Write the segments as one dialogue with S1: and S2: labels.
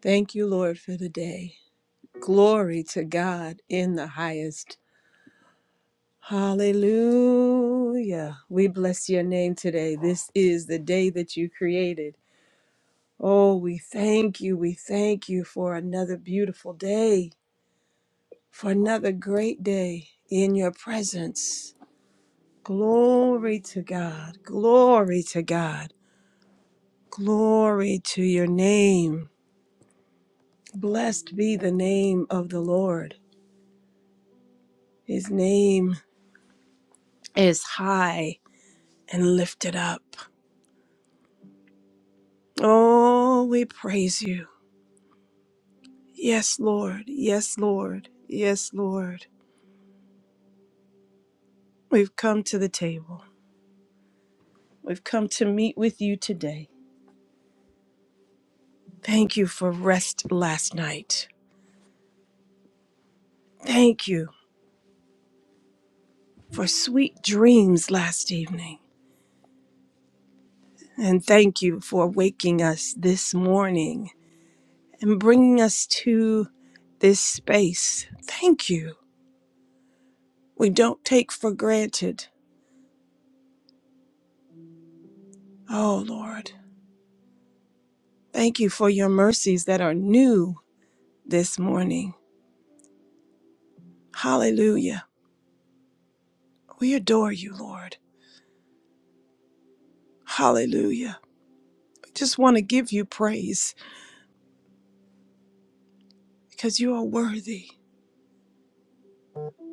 S1: Thank you, Lord, for the day. Glory to God in the highest. Hallelujah. We bless your name today. This is the day that you created. Oh, we thank you. We thank you for another beautiful day, for another great day in your presence. Glory to God. Glory to God. Glory to your name. Blessed be the name of the Lord. His name is high. and lifted up. Oh, we praise you. Yes, Lord. Yes, Lord. Yes, Lord. We've come to the table. We've come to meet with you today. Thank you for rest last night. Thank you for sweet dreams last evening. And thank you for waking us this morning and bringing us to this space. Thank you. We don't take for granted. Oh, Lord. Thank you for your mercies that are new this morning. Hallelujah. We adore you, Lord. Hallelujah. We just want to give you praise because you are worthy.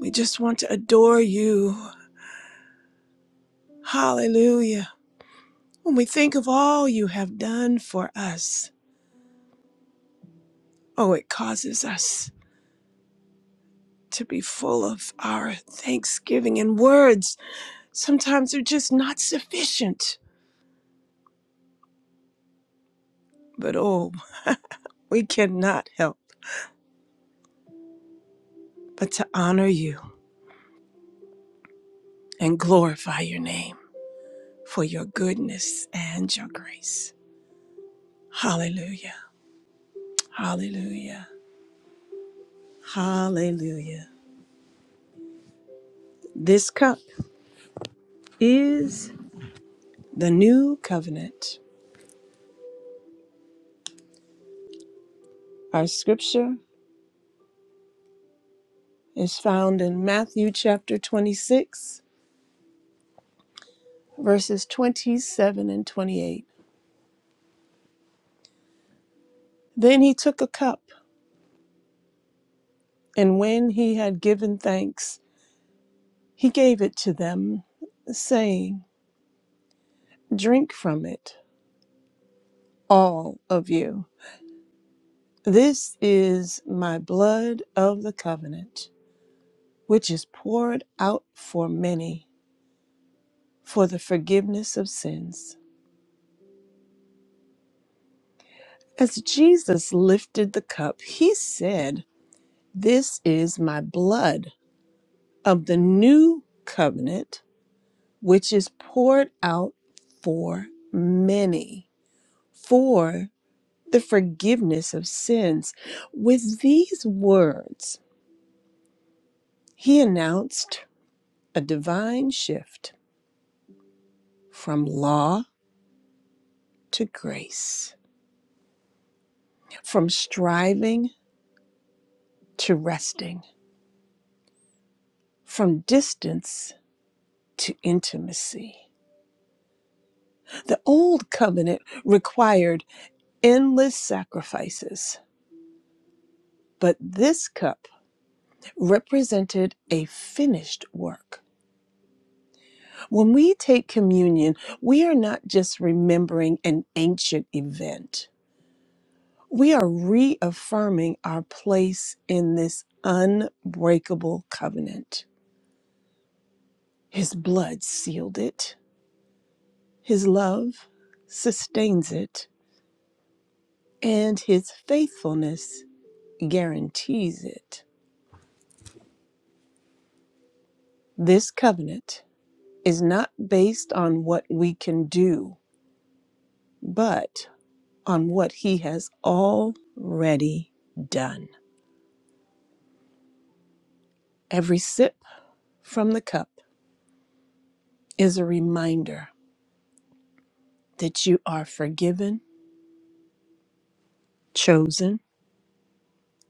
S1: We just want to adore you. Hallelujah. When we think of all you have done for us, oh, it causes us to be full of our thanksgiving and words. Sometimes are just not sufficient. But oh, we cannot help but to honor you. and glorify your name for your goodness and your grace. Hallelujah. Hallelujah. Hallelujah. This cup is the new covenant. Our scripture is found in Matthew chapter 26, verses 27 and 28. Then he took a cup, and when he had given thanks, he gave it to them, saying, Drink from it, all of you. This is my blood of the covenant, which is poured out for many for the forgiveness of sins. As Jesus lifted the cup, he said, This is my blood of the new covenant, which is poured out for many for the forgiveness of sins. With these words, he announced a divine shift from law to grace, from striving to resting, from distance to intimacy. The old covenant required endless sacrifices, but this cup represented a finished work. When we take communion, we are not just remembering an ancient event. We are reaffirming our place in this unbreakable covenant. His blood sealed it, His love sustains it, and His faithfulness guarantees it. This covenant is not based on what we can do, but on what He has already done. Every sip from the cup is a reminder that you are forgiven, chosen,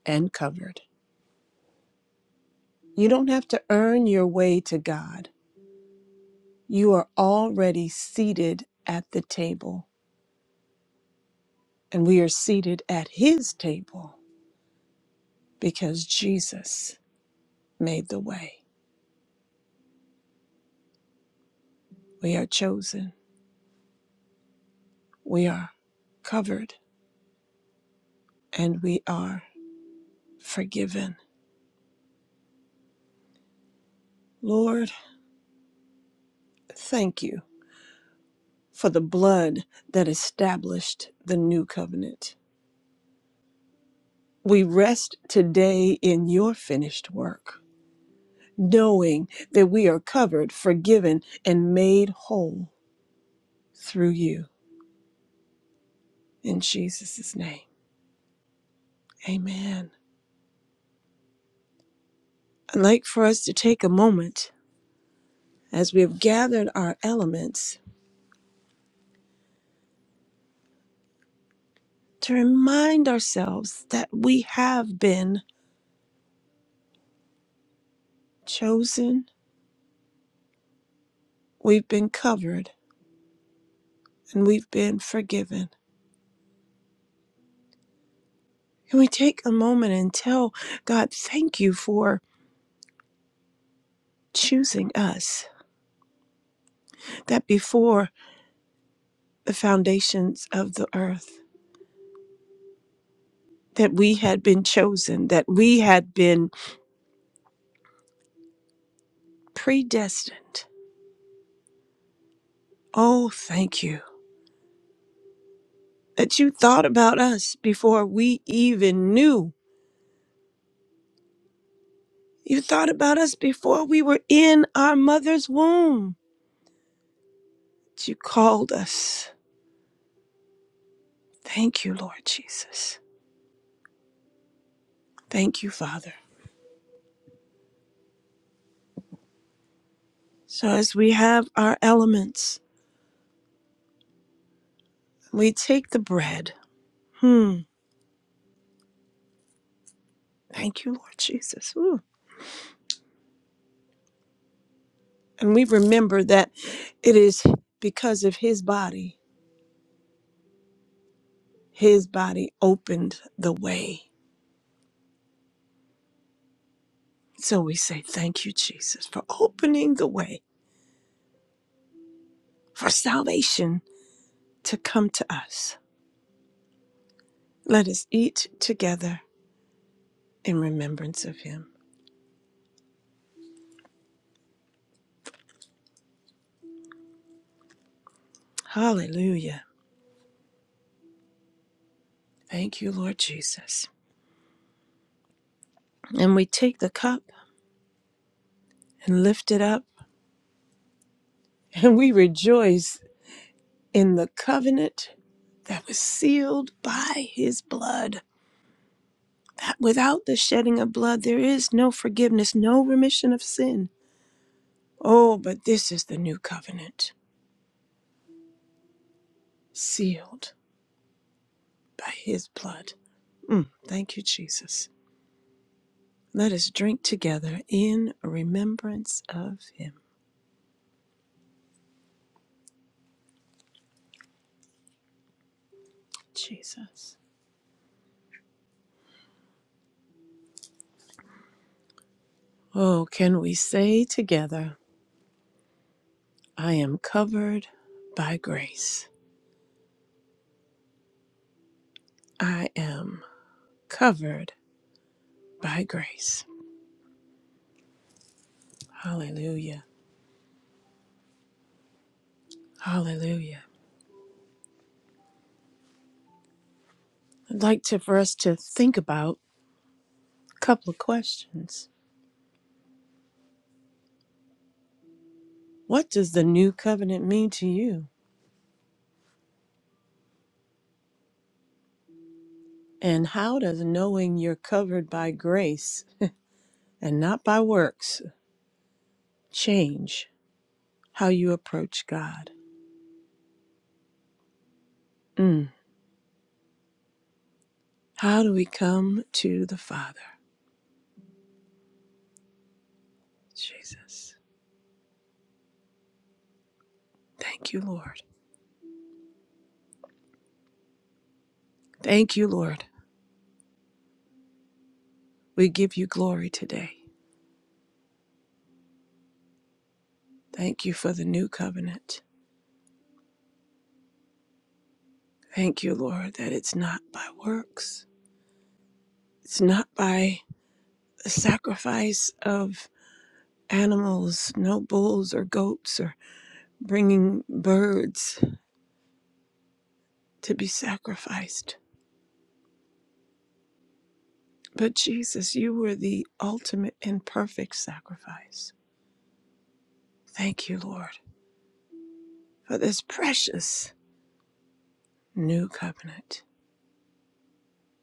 S1: and covered. You don't have to earn your way to God. You are already seated at the table, and we are seated at his table because Jesus made the way. We are chosen, we are covered, and we are forgiven. Lord, thank you for the blood that established the new covenant. We rest today in your finished work, knowing that we are covered, forgiven, and made whole through you. In Jesus' name, amen. I'd like for us to take a moment as we have gathered our elements to remind ourselves that we have been chosen, we've been covered, and we've been forgiven. Can we take a moment and tell God, thank you for choosing us? That before the foundations of the earth, that we had been chosen, that we had been predestined. Oh, thank you. that you thought about us before we even knew. You thought about us before we were in our mother's womb. That You called us. Thank you, Lord Jesus. Thank you, Father. So as we have our elements, we take the bread. Hmm. Thank you, Lord Jesus. Ooh. And we remember that it is because of his body, his body opened the way. So we say, Thank you, Jesus, for opening the way for salvation to come to us. Let us eat together in remembrance of him. Hallelujah. Thank you, Lord Jesus. And we take the cup and lift it up, and we rejoice in the covenant that was sealed by his blood. Without the shedding of blood, there is no forgiveness, no remission of sin. Oh, but this is the new covenant, sealed by his blood. Mm, thank you, Jesus. Let us drink together in remembrance of him. Jesus. Oh, can we say together, I am covered by grace? I am covered by grace. Hallelujah. Hallelujah. I'd like to, for us to think about a couple of questions. What does the new covenant mean to you? And how does knowing you're covered by grace and not by works change how you approach God? Mm. How do we come to the Father? Jesus. Thank you, Lord. Thank you, Lord. We give you glory today. Thank you for the new covenant. Thank you, Lord, that it's not by works, it's not by the sacrifice of animals, no bulls or goats or bringing birds to be sacrificed. But Jesus, you were the ultimate and perfect sacrifice. Thank you, Lord, for this precious New covenant.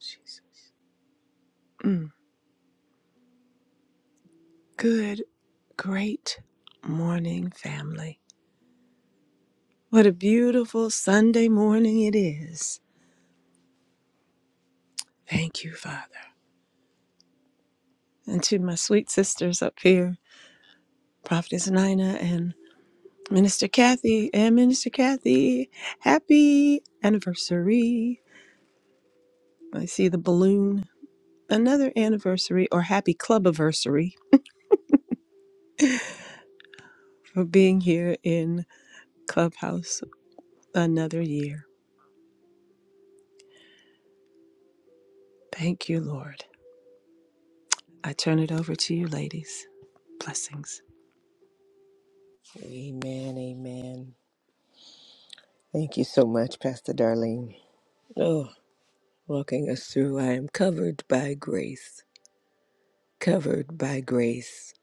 S1: Jesus. Mm. Good, great morning, family. What a beautiful Sunday morning it is. Thank you, Father. And to my sweet sisters up here, Prophetess Nina and Minister Kathy, and Minister Kathy, happy anniversary. I see the balloon. Another anniversary or happy clubiversary for being here in Clubhouse another year. Thank you, Lord. I turn it over to you, ladies. Blessings.
S2: Amen. Amen. Thank you so much, Pastor Darlene. Oh, walking us through. I am covered by grace. Covered by grace.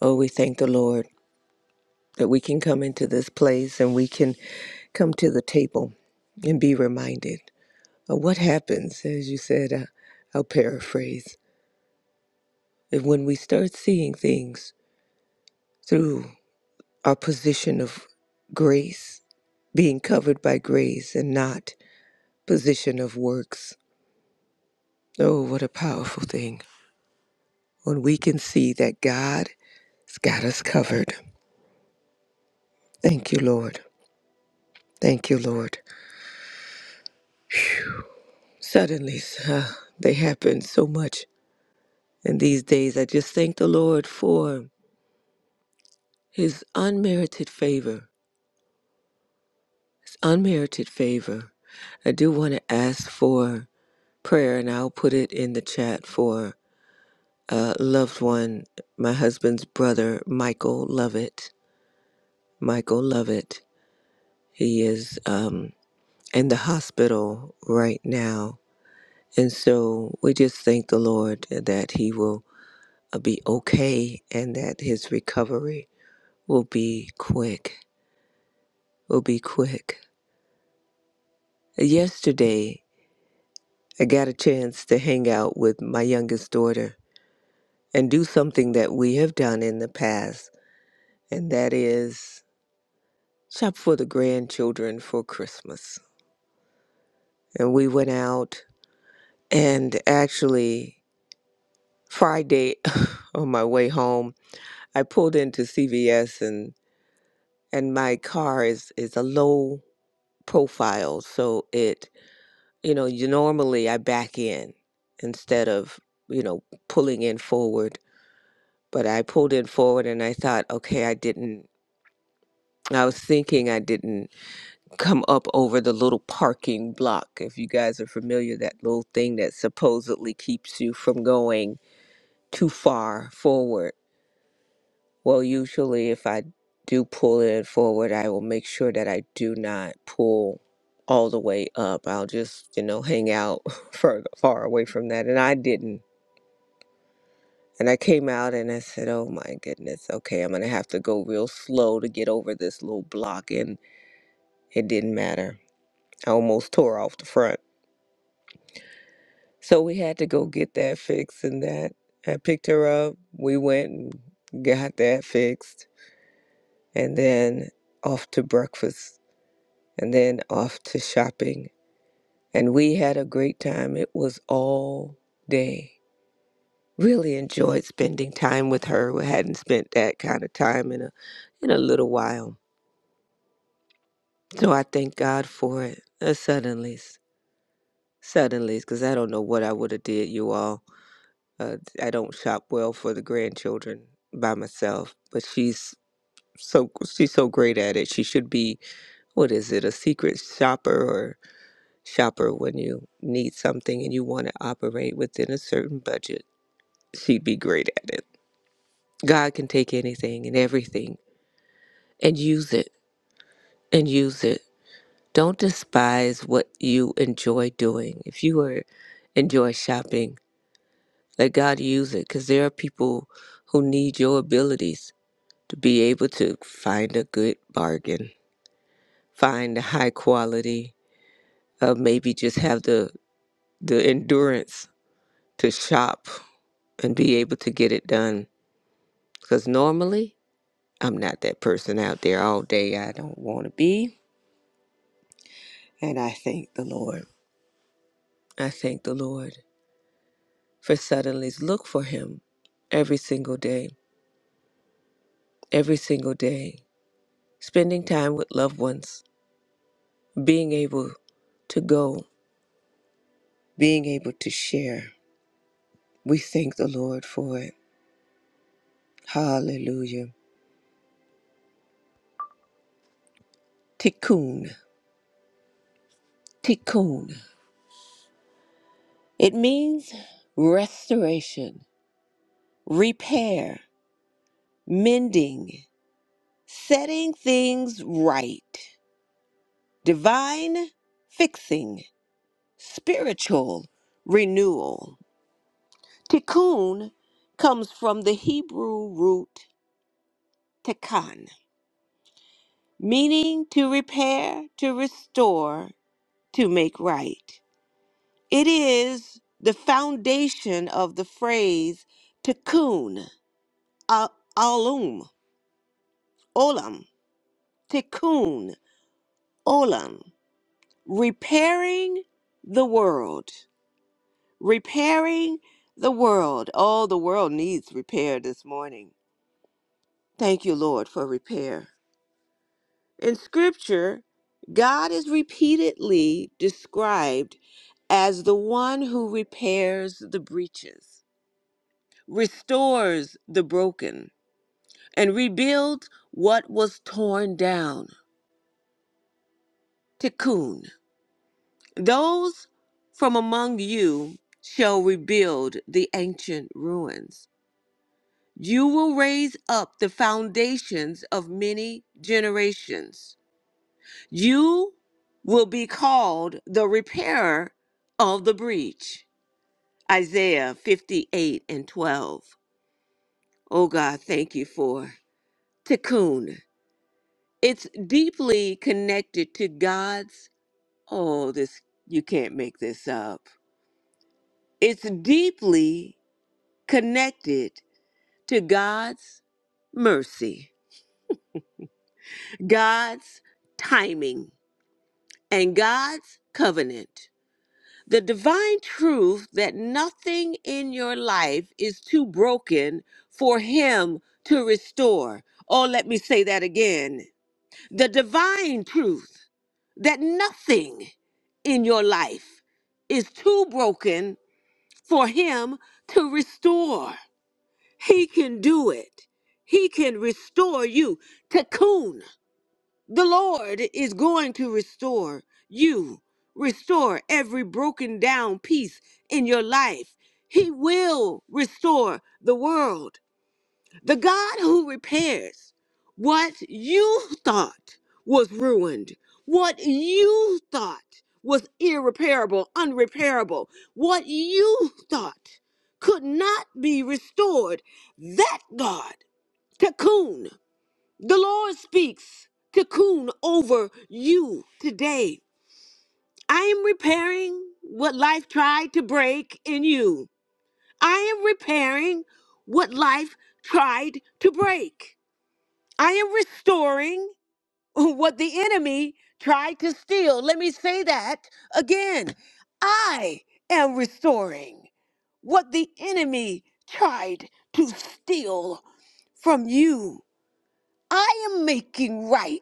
S2: Oh, we thank the Lord that we can come into this place and we can come to the table and be reminded of what happens, as you said, uh, I'll paraphrase, that when we start seeing things through our position of grace, being covered by grace and not position of works, Oh, what a powerful thing. When we can see that God has got us covered. Thank you, Lord. Thank you, Lord. Suddenly, uh, they happen so much in these days. I just thank the Lord for his unmerited favor. His unmerited favor. I do want to ask for prayer, and I'll put it in the chat for a loved one, my husband's brother, Michael Lovett. Michael Lovett. He is. um. in the hospital right now. And so we just thank the Lord that he will uh, be okay and that his recovery will be quick. Will be quick. Yesterday, I got a chance to hang out with my youngest daughter and do something that we have done in the past, and that is shop for the grandchildren for Christmas. And we went out and actually Friday on my way home I pulled into CVS and and my car is is a low profile, so it you know you normally I back in instead of you know pulling in forward, but I pulled in forward and I thought, okay, I didn't. I was thinking I didn't come up over the little parking block. If you guys are familiar, that little thing that supposedly keeps you from going too far forward Well, usually if I do pull it forward, I will make sure that I do not pull all the way up. I'll just, you know, hang out further far away from that. And I didn't. And I came out and I said, Oh my goodness, okay, I'm gonna have to go real slow to get over this little block and it didn't matter. I almost tore off the front. So we had to go get that fixed and that I picked her up. We went and got that fixed and then off to breakfast and then off to shopping. And we had a great time. It was all day. Really enjoyed spending time with her. We hadn't spent that kind of time in a in a little while. So I thank God for it. Uh, suddenlies, suddenlies, because I don't know what I would have did, you all. Uh, I don't shop well for the grandchildren by myself, but she's so she's so great at it. She should be what is it, a secret shopper or? shopper when you need something and you want to operate within a certain budget. She'd be great at it. God can take anything and everything and use it and use it. Don't despise what you enjoy doing. If you are enjoy shopping, let God use it because there are people who need your abilities to be able to find a good bargain, find a high quality, uh, maybe just have the the endurance to shop and be able to get it done Because normally, I'm not that person out there all day I don't want to be. And I thank the Lord. I thank the Lord for suddenly look for Him every single day, every single day. Spending time with loved ones, being able to go, being able to share. We thank the Lord for it. Hallelujah. Tikkun, tikkun. It means restoration, repair, mending. setting things right, divine fixing, spiritual renewal. Tikkun comes from the Hebrew root tekkan, meaning to repair, to restore, to make right. It is the foundation of the phrase tikkun, a- alum, olam, tikkun, olam, repairing the world. repairing the world. Oh, the world needs repair this morning. Thank you, Lord, for repair. In Scripture, God is repeatedly described as the one who repairs the breaches, restores the broken, and rebuilds what was torn down. Tikkun. Those from among you shall rebuild the ancient ruins. You will raise up the foundations of many generations. You will be called the repairer of the breach. Isaiah 58 and 12. Oh God, thank you for Tikkun. It's deeply connected to God's. Oh, this, you can't make this up. It's deeply connected to God's mercy, God's timing. and God's covenant. The divine truth that nothing in your life is too broken for Him to restore. Oh, let me say that again. The divine truth that nothing in your life is too broken for Him to restore. He can do it, He can restore you. Cocoon. The Lord is going to restore you, restore every broken down piece in your life. He will restore the world. The God who repairs what you thought was ruined, what you thought was irreparable, unrepairable, what you thought could not be restored, that God, Cocoon. The Lord speaks cocoon over you today. I am repairing what life tried to break in you. I am repairing what life tried to break. I am restoring what the enemy tried to steal. Let me say that again. I am restoring what the enemy tried to steal from you. I am making right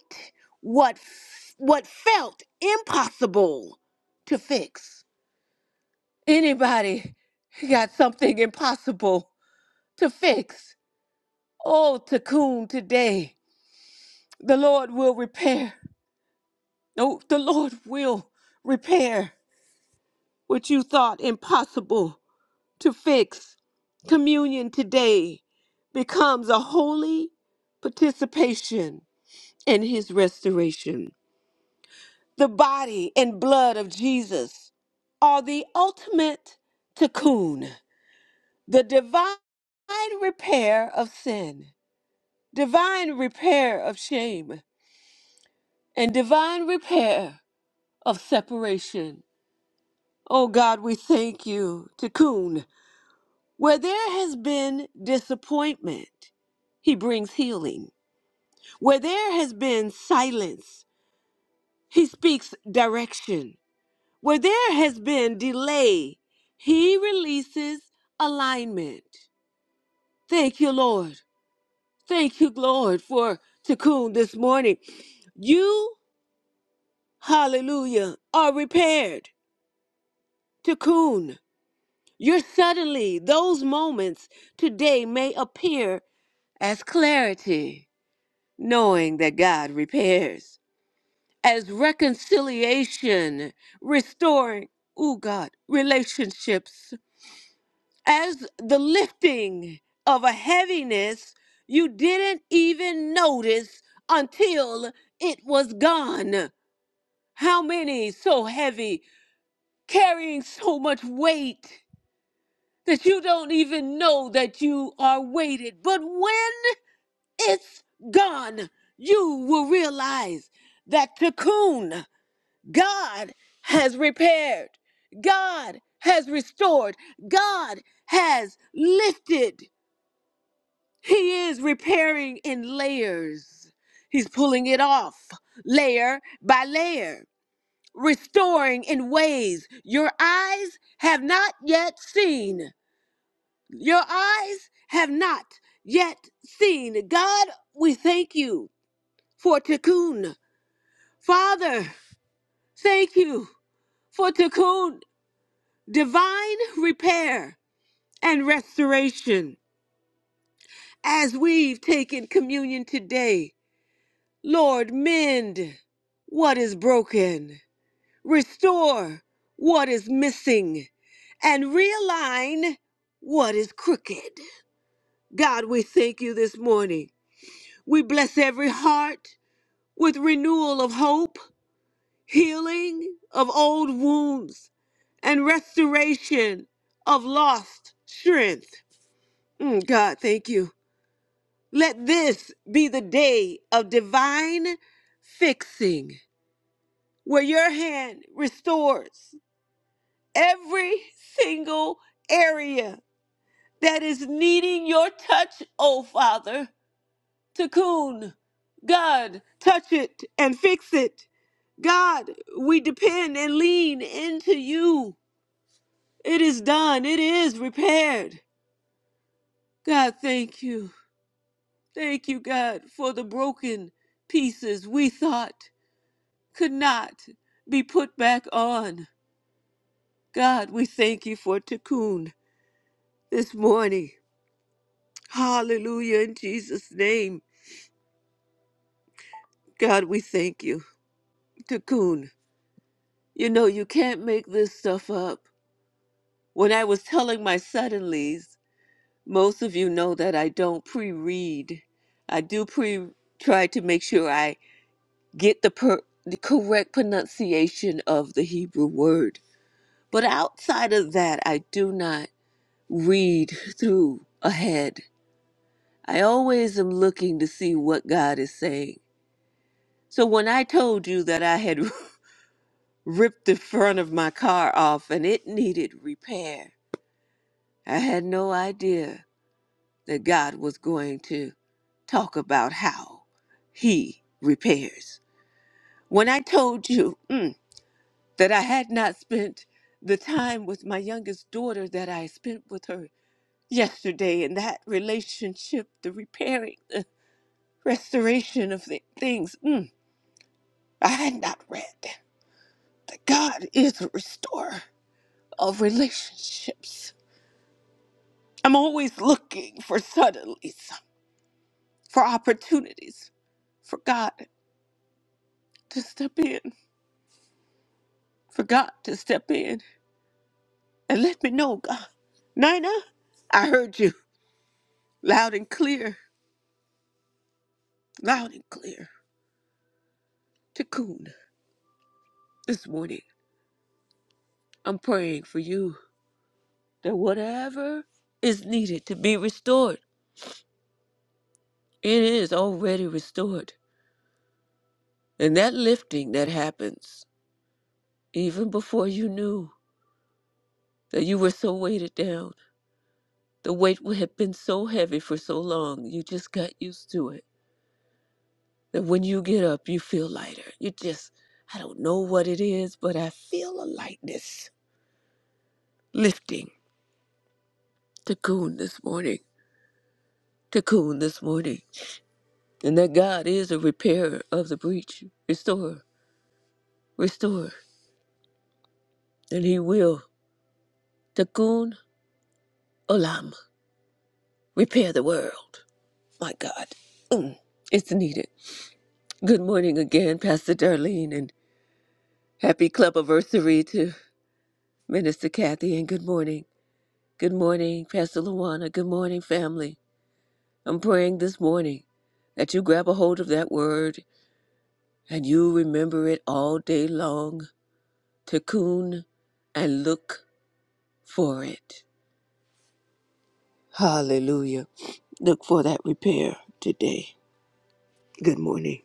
S2: what f- what felt impossible to fix. Anybody got something impossible to fix? Oh, Takoon, today the Lord will repair. No, the Lord will repair what you thought impossible to fix. Communion today becomes a holy participation in His restoration. The body and blood of Jesus are the ultimate tikkun, the divine repair of sin, divine repair of shame, and divine repair of separation. Oh God, we thank you, tikkun. Where there has been disappointment, he brings healing. Where there has been silence, he speaks direction. Where there has been delay, he releases alignment. Thank you, Lord. Thank you, Lord, for Takun this morning. You, hallelujah, are repaired. Takun, you're suddenly, those moments today may appear as clarity, knowing that God repairs, as reconciliation, restoring, oh God, relationships as the lifting of a heaviness you didn't even notice until it was gone. How many so heavy, carrying so much weight that you don't even know that you are weighted? But when it's gone, you will realize that cocoon God has repaired, God has restored, God has lifted. He is repairing in layers. He's pulling it off layer by layer, restoring in ways your eyes have not yet seen. Your eyes have not yet seen. God, we thank you for Tikkun. Father, thank you for Tikkun, divine repair and restoration. As we've taken communion today, Lord, mend what is broken, restore what is missing, and realign what is crooked. God, we thank you this morning. We bless every heart with renewal of hope, healing of old wounds, and restoration of lost strength. Mm, God, thank you. Let this be the day of divine fixing where your hand restores every single area that is needing your touch, oh Father. Cocoon, God, touch it and fix it. God, we depend and lean into you. It is done, it is repaired. God, thank you. Thank you, God, for the broken pieces we thought could not be put back on. God, we thank you for Tikkun. this morning. Hallelujah in Jesus' name. God, we thank you. Cocoon, you know, you can't make this stuff up. When I was telling my suddenlies, most of you know that I don't pre read. I do pre try to make sure I get the, per- the correct pronunciation of the Hebrew word. But outside of that, I do not read through ahead. I always am looking to see what God is saying. So when I told you that I had ripped the front of my car off and it needed repair, I had no idea that God was going to talk about how he repairs. When I told you mm, that I had not spent the time with my youngest daughter that I spent with her yesterday and that relationship, the repairing, the restoration of the things, mm, I had not read that God is a restorer. of relationships. I'm always looking for suddenlies, for opportunities, for God to step in, for God to step in and let me know, God. Nina, I heard you loud and clear, loud and clear. Cocoon, this morning, I'm praying for you that whatever is needed to be restored, it is already restored. And that lifting that happens even before you knew that you were so weighted down. The weight w- had been so heavy for so long, you just got used to it. That when you get up, you feel lighter. You just, I don't know what it is, but I feel a lightness lifting. Cocoon this morning. Cocoon this morning. And that God is a repairer of the breach, restorer, restorer. And He will. Cocoon olam. Repair the world. My God. Mm, it's needed. Good morning again, Pastor Darlene, and happy club anniversary to. Minister Kathy, and good morning. Good morning, Pastor Luana. Good morning, family. I'm praying this morning that you grab a hold of that word and you remember it all day long. Cocoon and look for it. Hallelujah. Look for that repair today. Good morning.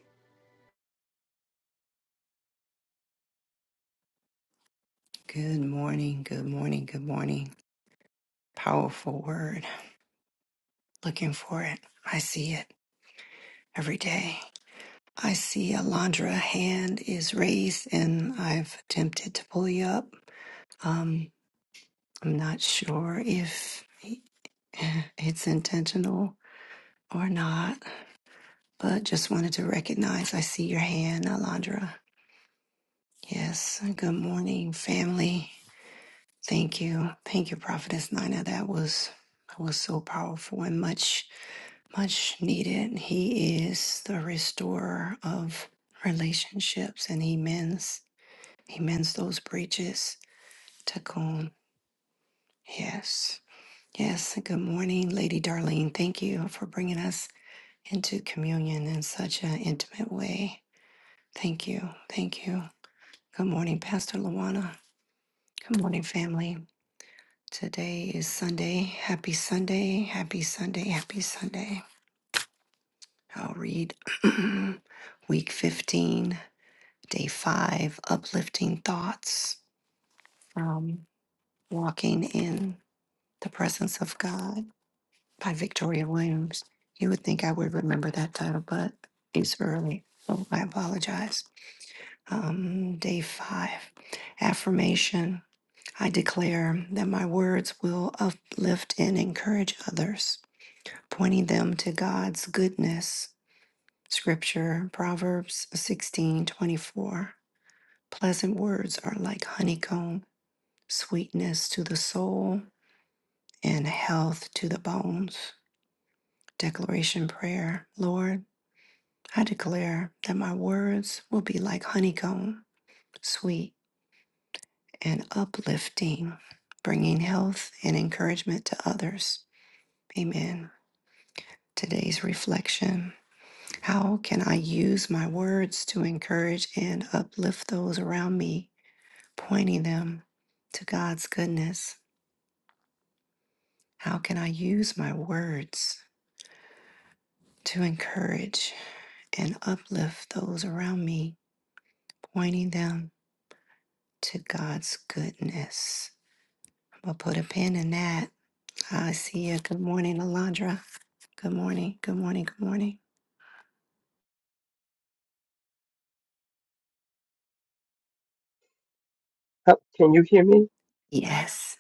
S3: Good morning, good morning, good morning. Powerful word. Looking for it. I see it every day. I see Alondra hand is raised and I've attempted to pull you up. Um, I'm not sure if it's intentional or not, but just wanted to recognize I see your hand, Alondra. Yes, good morning, family. Thank you. Thank you, Prophetess Nina. That was that was so powerful and much much needed. He is the restorer of relationships and he mends he mends those breaches. Takon. Yes. Yes. Good morning, Lady Darlene. Thank you for bringing us into communion in such an intimate way. Thank you. Thank you. Good morning, Pastor Luana. Good morning, family. Today is Sunday. Happy Sunday. Happy Sunday. Happy Sunday. I'll read week 15 Day five, uplifting thoughts from walking in the presence of God by Victoria Williams. You would think I would remember that title, but it's early, so I apologize. Um, day five, affirmation. I declare that my words will uplift and encourage others, pointing them to God's goodness. Scripture, Proverbs sixteen twenty four. Pleasant words are like honeycomb sweetness to the soul, and health to the bones. Declaration prayer Lord, I declare that my words will be like honeycomb, sweet and uplifting, bringing health and encouragement to others. Amen. Today's reflection How can I use my words to encourage and uplift those around me, pointing them to God's goodness? How can I use my words to encourage and uplift those around me, pointing them to God's goodness. I'm gonna put a pin in that. I see you. Good morning, Alondra. Good morning. Good morning. Good morning.
S4: Huh, Can you hear me?
S3: Yes.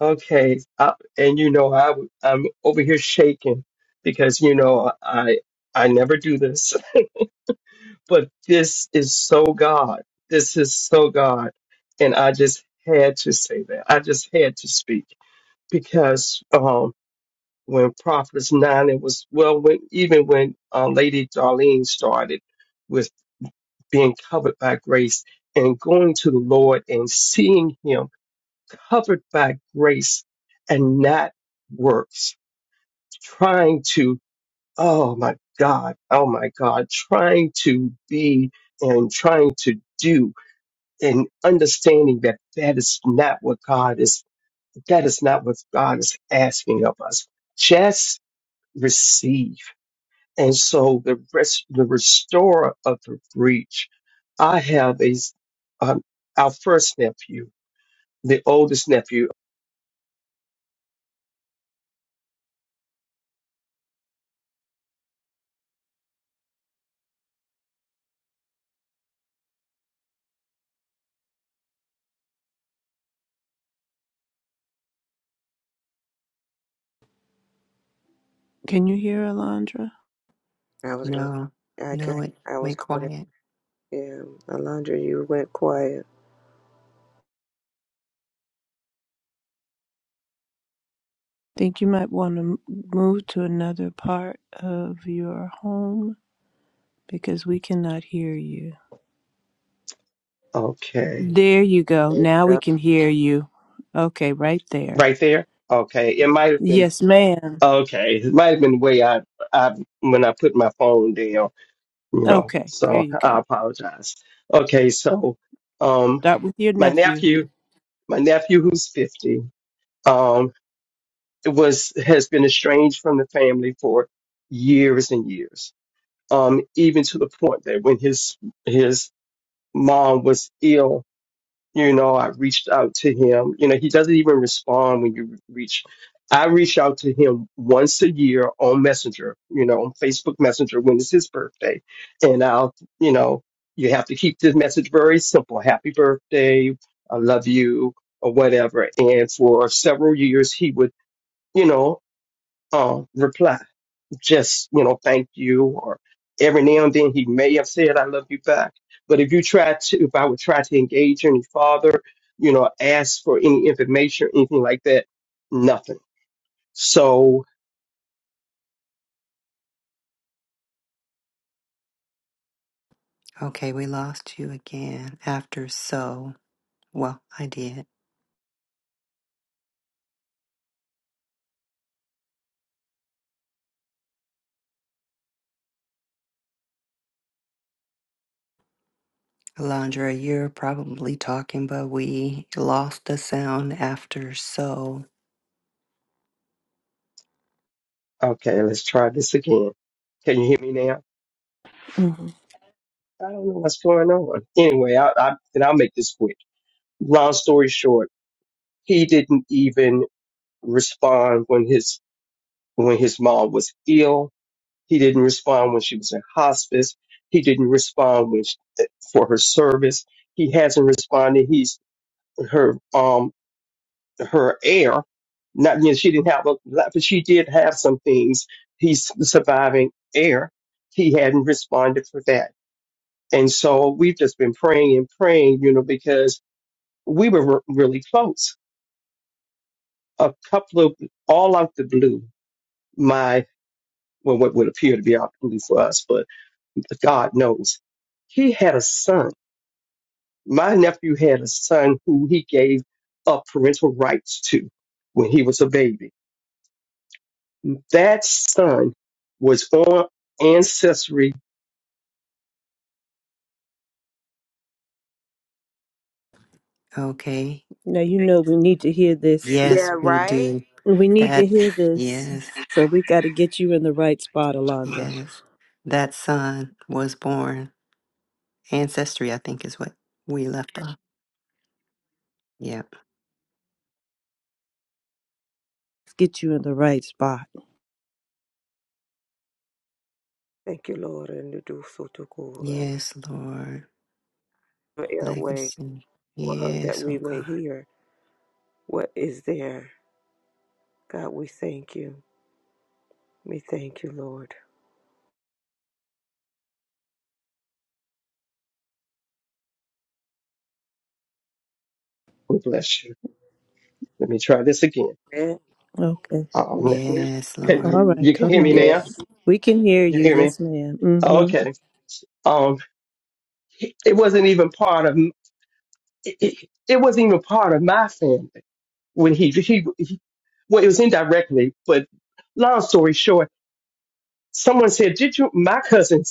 S4: Okay. Uh, and you know, I, I'm over here shaking because you know I I never do this, but this is so God. This is so God, and I just had to say that. I just had to speak because um, when Prophets Nine, it was well when even when uh, Lady Darlene started with being covered by grace and going to the Lord and seeing Him covered by grace and not works, trying to, oh my God, oh my God, trying to be and trying to do and understanding that that is not what God is, that is not what God is asking of us. Just receive. And so the rest, the restorer of the breach, I have a, s- um, our first nephew, the oldest nephew.
S1: Can you hear Alondra?
S2: I was going.
S3: No.
S2: to I can.
S3: No. It
S2: I was
S3: went
S2: going. to
S3: quiet.
S2: Yeah, Alondra, you went quiet.
S1: Think you might want to move to another part of your home because we cannot hear you.
S4: Okay.
S1: There you go. Now we can hear you. Okay, right there.
S4: right there. Okay, it might have been
S1: Yes, ma'am.
S4: okay. It might have been the way I, I when I put my phone down, you know.
S1: Okay, there
S4: So
S1: you go.
S4: I apologize. Okay, so um,
S1: Start with your
S4: my
S1: nephew.
S4: nephew, my nephew who's fifty, um, was has been estranged from the family for years and years. Um, even to the point that when his his mom was ill You know, I reached out to him. You know, he doesn't even respond when you reach. I reach out to him once a year on Messenger, you know, on Facebook Messenger when it's his birthday. And I'll, you know, you have to keep this message very simple. Happy birthday. I love you or whatever. And for several years, he would, you know, um, reply just, you know, thank you. Or every now and then he may have said, I love you back. But if you try to, if I would try to engage any father, you know, ask for any information or anything like that, nothing. So,
S3: Okay, we lost you again after so. Well, I did. Alondra, you're probably talking, but we lost the sound after so.
S4: okay, let's try this again. Can you hear me now?
S1: hmm
S4: I don't know what's going on. Anyway, I, I, and I'll make this quick. Long story short, he didn't even respond when his, when his mom was ill He didn't respond when she was in hospice. He didn't respond when she, eh, for her service. He hasn't responded. He's her um her heir. Not you know, she didn't have a lot, but she did have some things. He's the surviving heir. He hadn't responded for that, and so we've just been praying and praying, you know, because we were re- really close. A couple of all out the blue. well, what would appear to be opportunity for us, but God knows. He had a son. My nephew had a son who he gave up parental rights to when he was a baby. That son was on ancestry.
S3: Okay.
S1: Now you know we need to hear this.
S3: Yes,
S2: Yeah,
S3: we
S2: right.
S3: do.
S1: We need to
S3: That,
S1: hear this.
S3: yes.
S1: So we got to get you in the right spot, Alondra.
S3: Yes, that son was born. Ancestry, I think, is what we left off. Yep.
S1: Get you in the right spot.
S2: Thank you, Lord, and the do so to go around
S3: Yes, Lord.
S2: the airway.
S3: Legacy.
S2: for her that
S3: Yes, oh
S2: we may
S3: God.
S2: hear what is there. God, we thank you. We thank you, Lord.
S4: God bless you. Let me try this again.
S2: Amen.
S1: Okay.
S4: Um,
S3: Yes,
S1: All
S3: Lord.
S4: can-
S1: right,
S4: you can
S1: come
S4: hear me
S1: on.
S4: now.
S2: Yes.
S1: We can hear
S4: You
S1: you.
S4: hear me?
S1: Yes, madam Mm-hmm.
S4: Okay. Um, it wasn't even part of it, it, it wasn't even part of my family when he he well, it was indirectly, but long story short, someone said, Did you? My cousin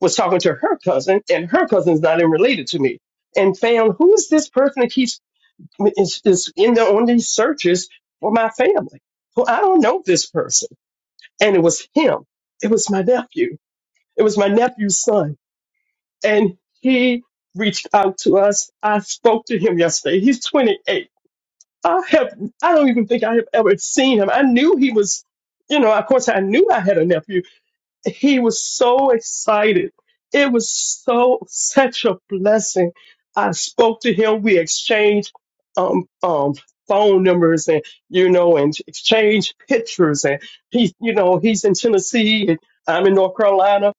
S4: was talking to her cousin, and her cousin's not even related to me, and found who's this person that keeps is, is in there on these searches for my family? Well, I don't know this person. And it was him. It was my nephew. It was my nephew's son. And he reached out to us. I spoke to him yesterday. He's 28 I have I don't even think I have ever seen him. I knew he was, you know, of course I knew I had a nephew. He was so excited. It was so such a blessing. I spoke to him. We exchanged um um phone numbers and you know and exchanged pictures and he you know he's in Tennessee and I'm in North Carolina.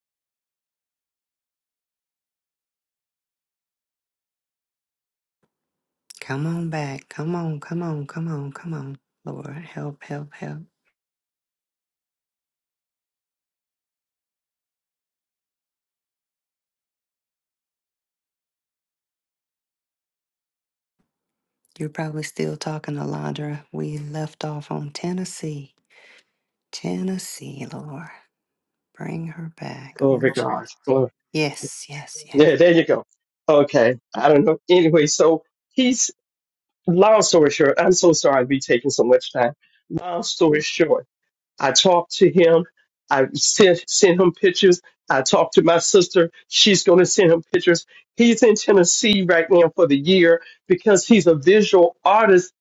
S3: Come on back. Come on, come on, come on, come on. Lord, help, help, help. You're probably still talking to Londra. We left off on Tennessee. Tennessee, Lord. Bring her back. Oh,
S4: Glory to
S3: Jesus.
S4: God. Glory.
S3: Yes, yes, yes.
S4: Yeah, there you go. Okay. I don't know. Anyway, so he's long story short, I'm so sorry i to be taking so much time. Long story short, I talked to him. I sent sent him pictures. I talked to my sister. She's going to send him pictures. He's in Tennessee right now for the year because he's a visual artist.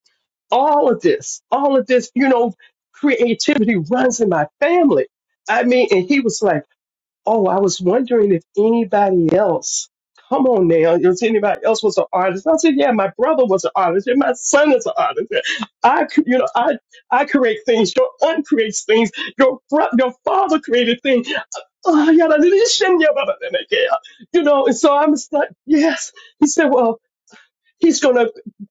S4: All of this, all of this, you know, creativity runs in my family. I mean, and he was like. Oh, I was wondering if anybody else, come on now, if anybody else was an artist. I said, yeah, my brother was an artist and my son is an artist. I, c- you know, I, I create things. Your aunt creates things. Your bro- your father created things. Oh, yeah, that is- yeah, blah, blah, blah, blah, yeah. you know, and so I'm just like, yes. He said, well, He's gonna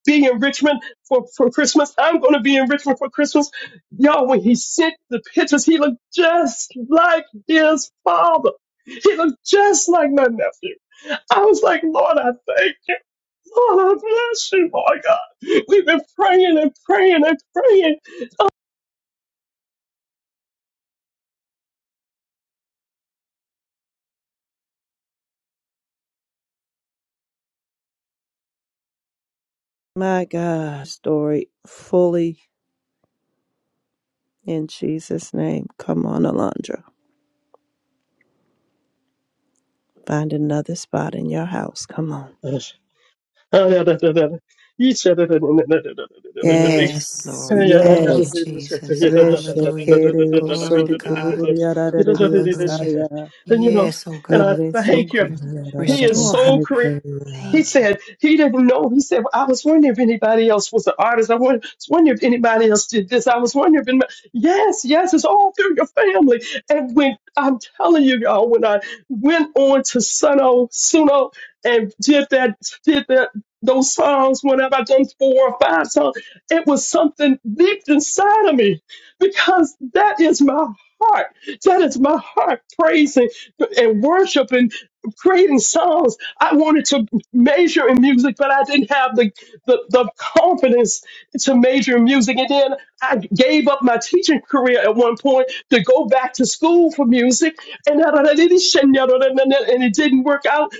S4: be in Richmond for, for Christmas. I'm gonna be in Richmond for Christmas. Y'all, when he sent the pictures, he looked just like his father. He looked just like my nephew. I was like, Lord, I thank you. Lord, I bless you, my God. We've been praying and praying and praying.
S1: My God, story fully in Jesus' name. Come on, Alondra. Find another spot in your house. Come on.
S4: And you
S3: Yes,
S1: Yes,
S3: Lord. Thank you,
S1: yes.
S3: Jesus. Hallelujah. Glory to God. Hallelujah.
S1: Reshekeriosotoriararariosaya.
S4: know,
S3: Yes, oh
S4: and I
S3: God.
S4: thank
S3: Thank
S4: you.
S3: you.
S4: He is
S3: Restore her.
S4: so creative. He
S1: Reshokuriarararabotseteya.
S3: Thank you.
S4: said he didn't know. He said, "Well, I was wondering if anybody else was an artist. I won- was wondering if anybody else did this. I was wondering if anybody, yes, yes, it's all through your family. And when I'm telling you, y'all, when I went on to Suno, Suno, and did that, did that, those songs, whenever I done four or five songs, it was something deep inside of me because that is my heart. That is my heart praising and worshiping creating songs. I wanted to major in music, but I didn't have the, the, the confidence to major in music. And then I gave up my teaching career at one point to go back to school for music, and, and it didn't work out.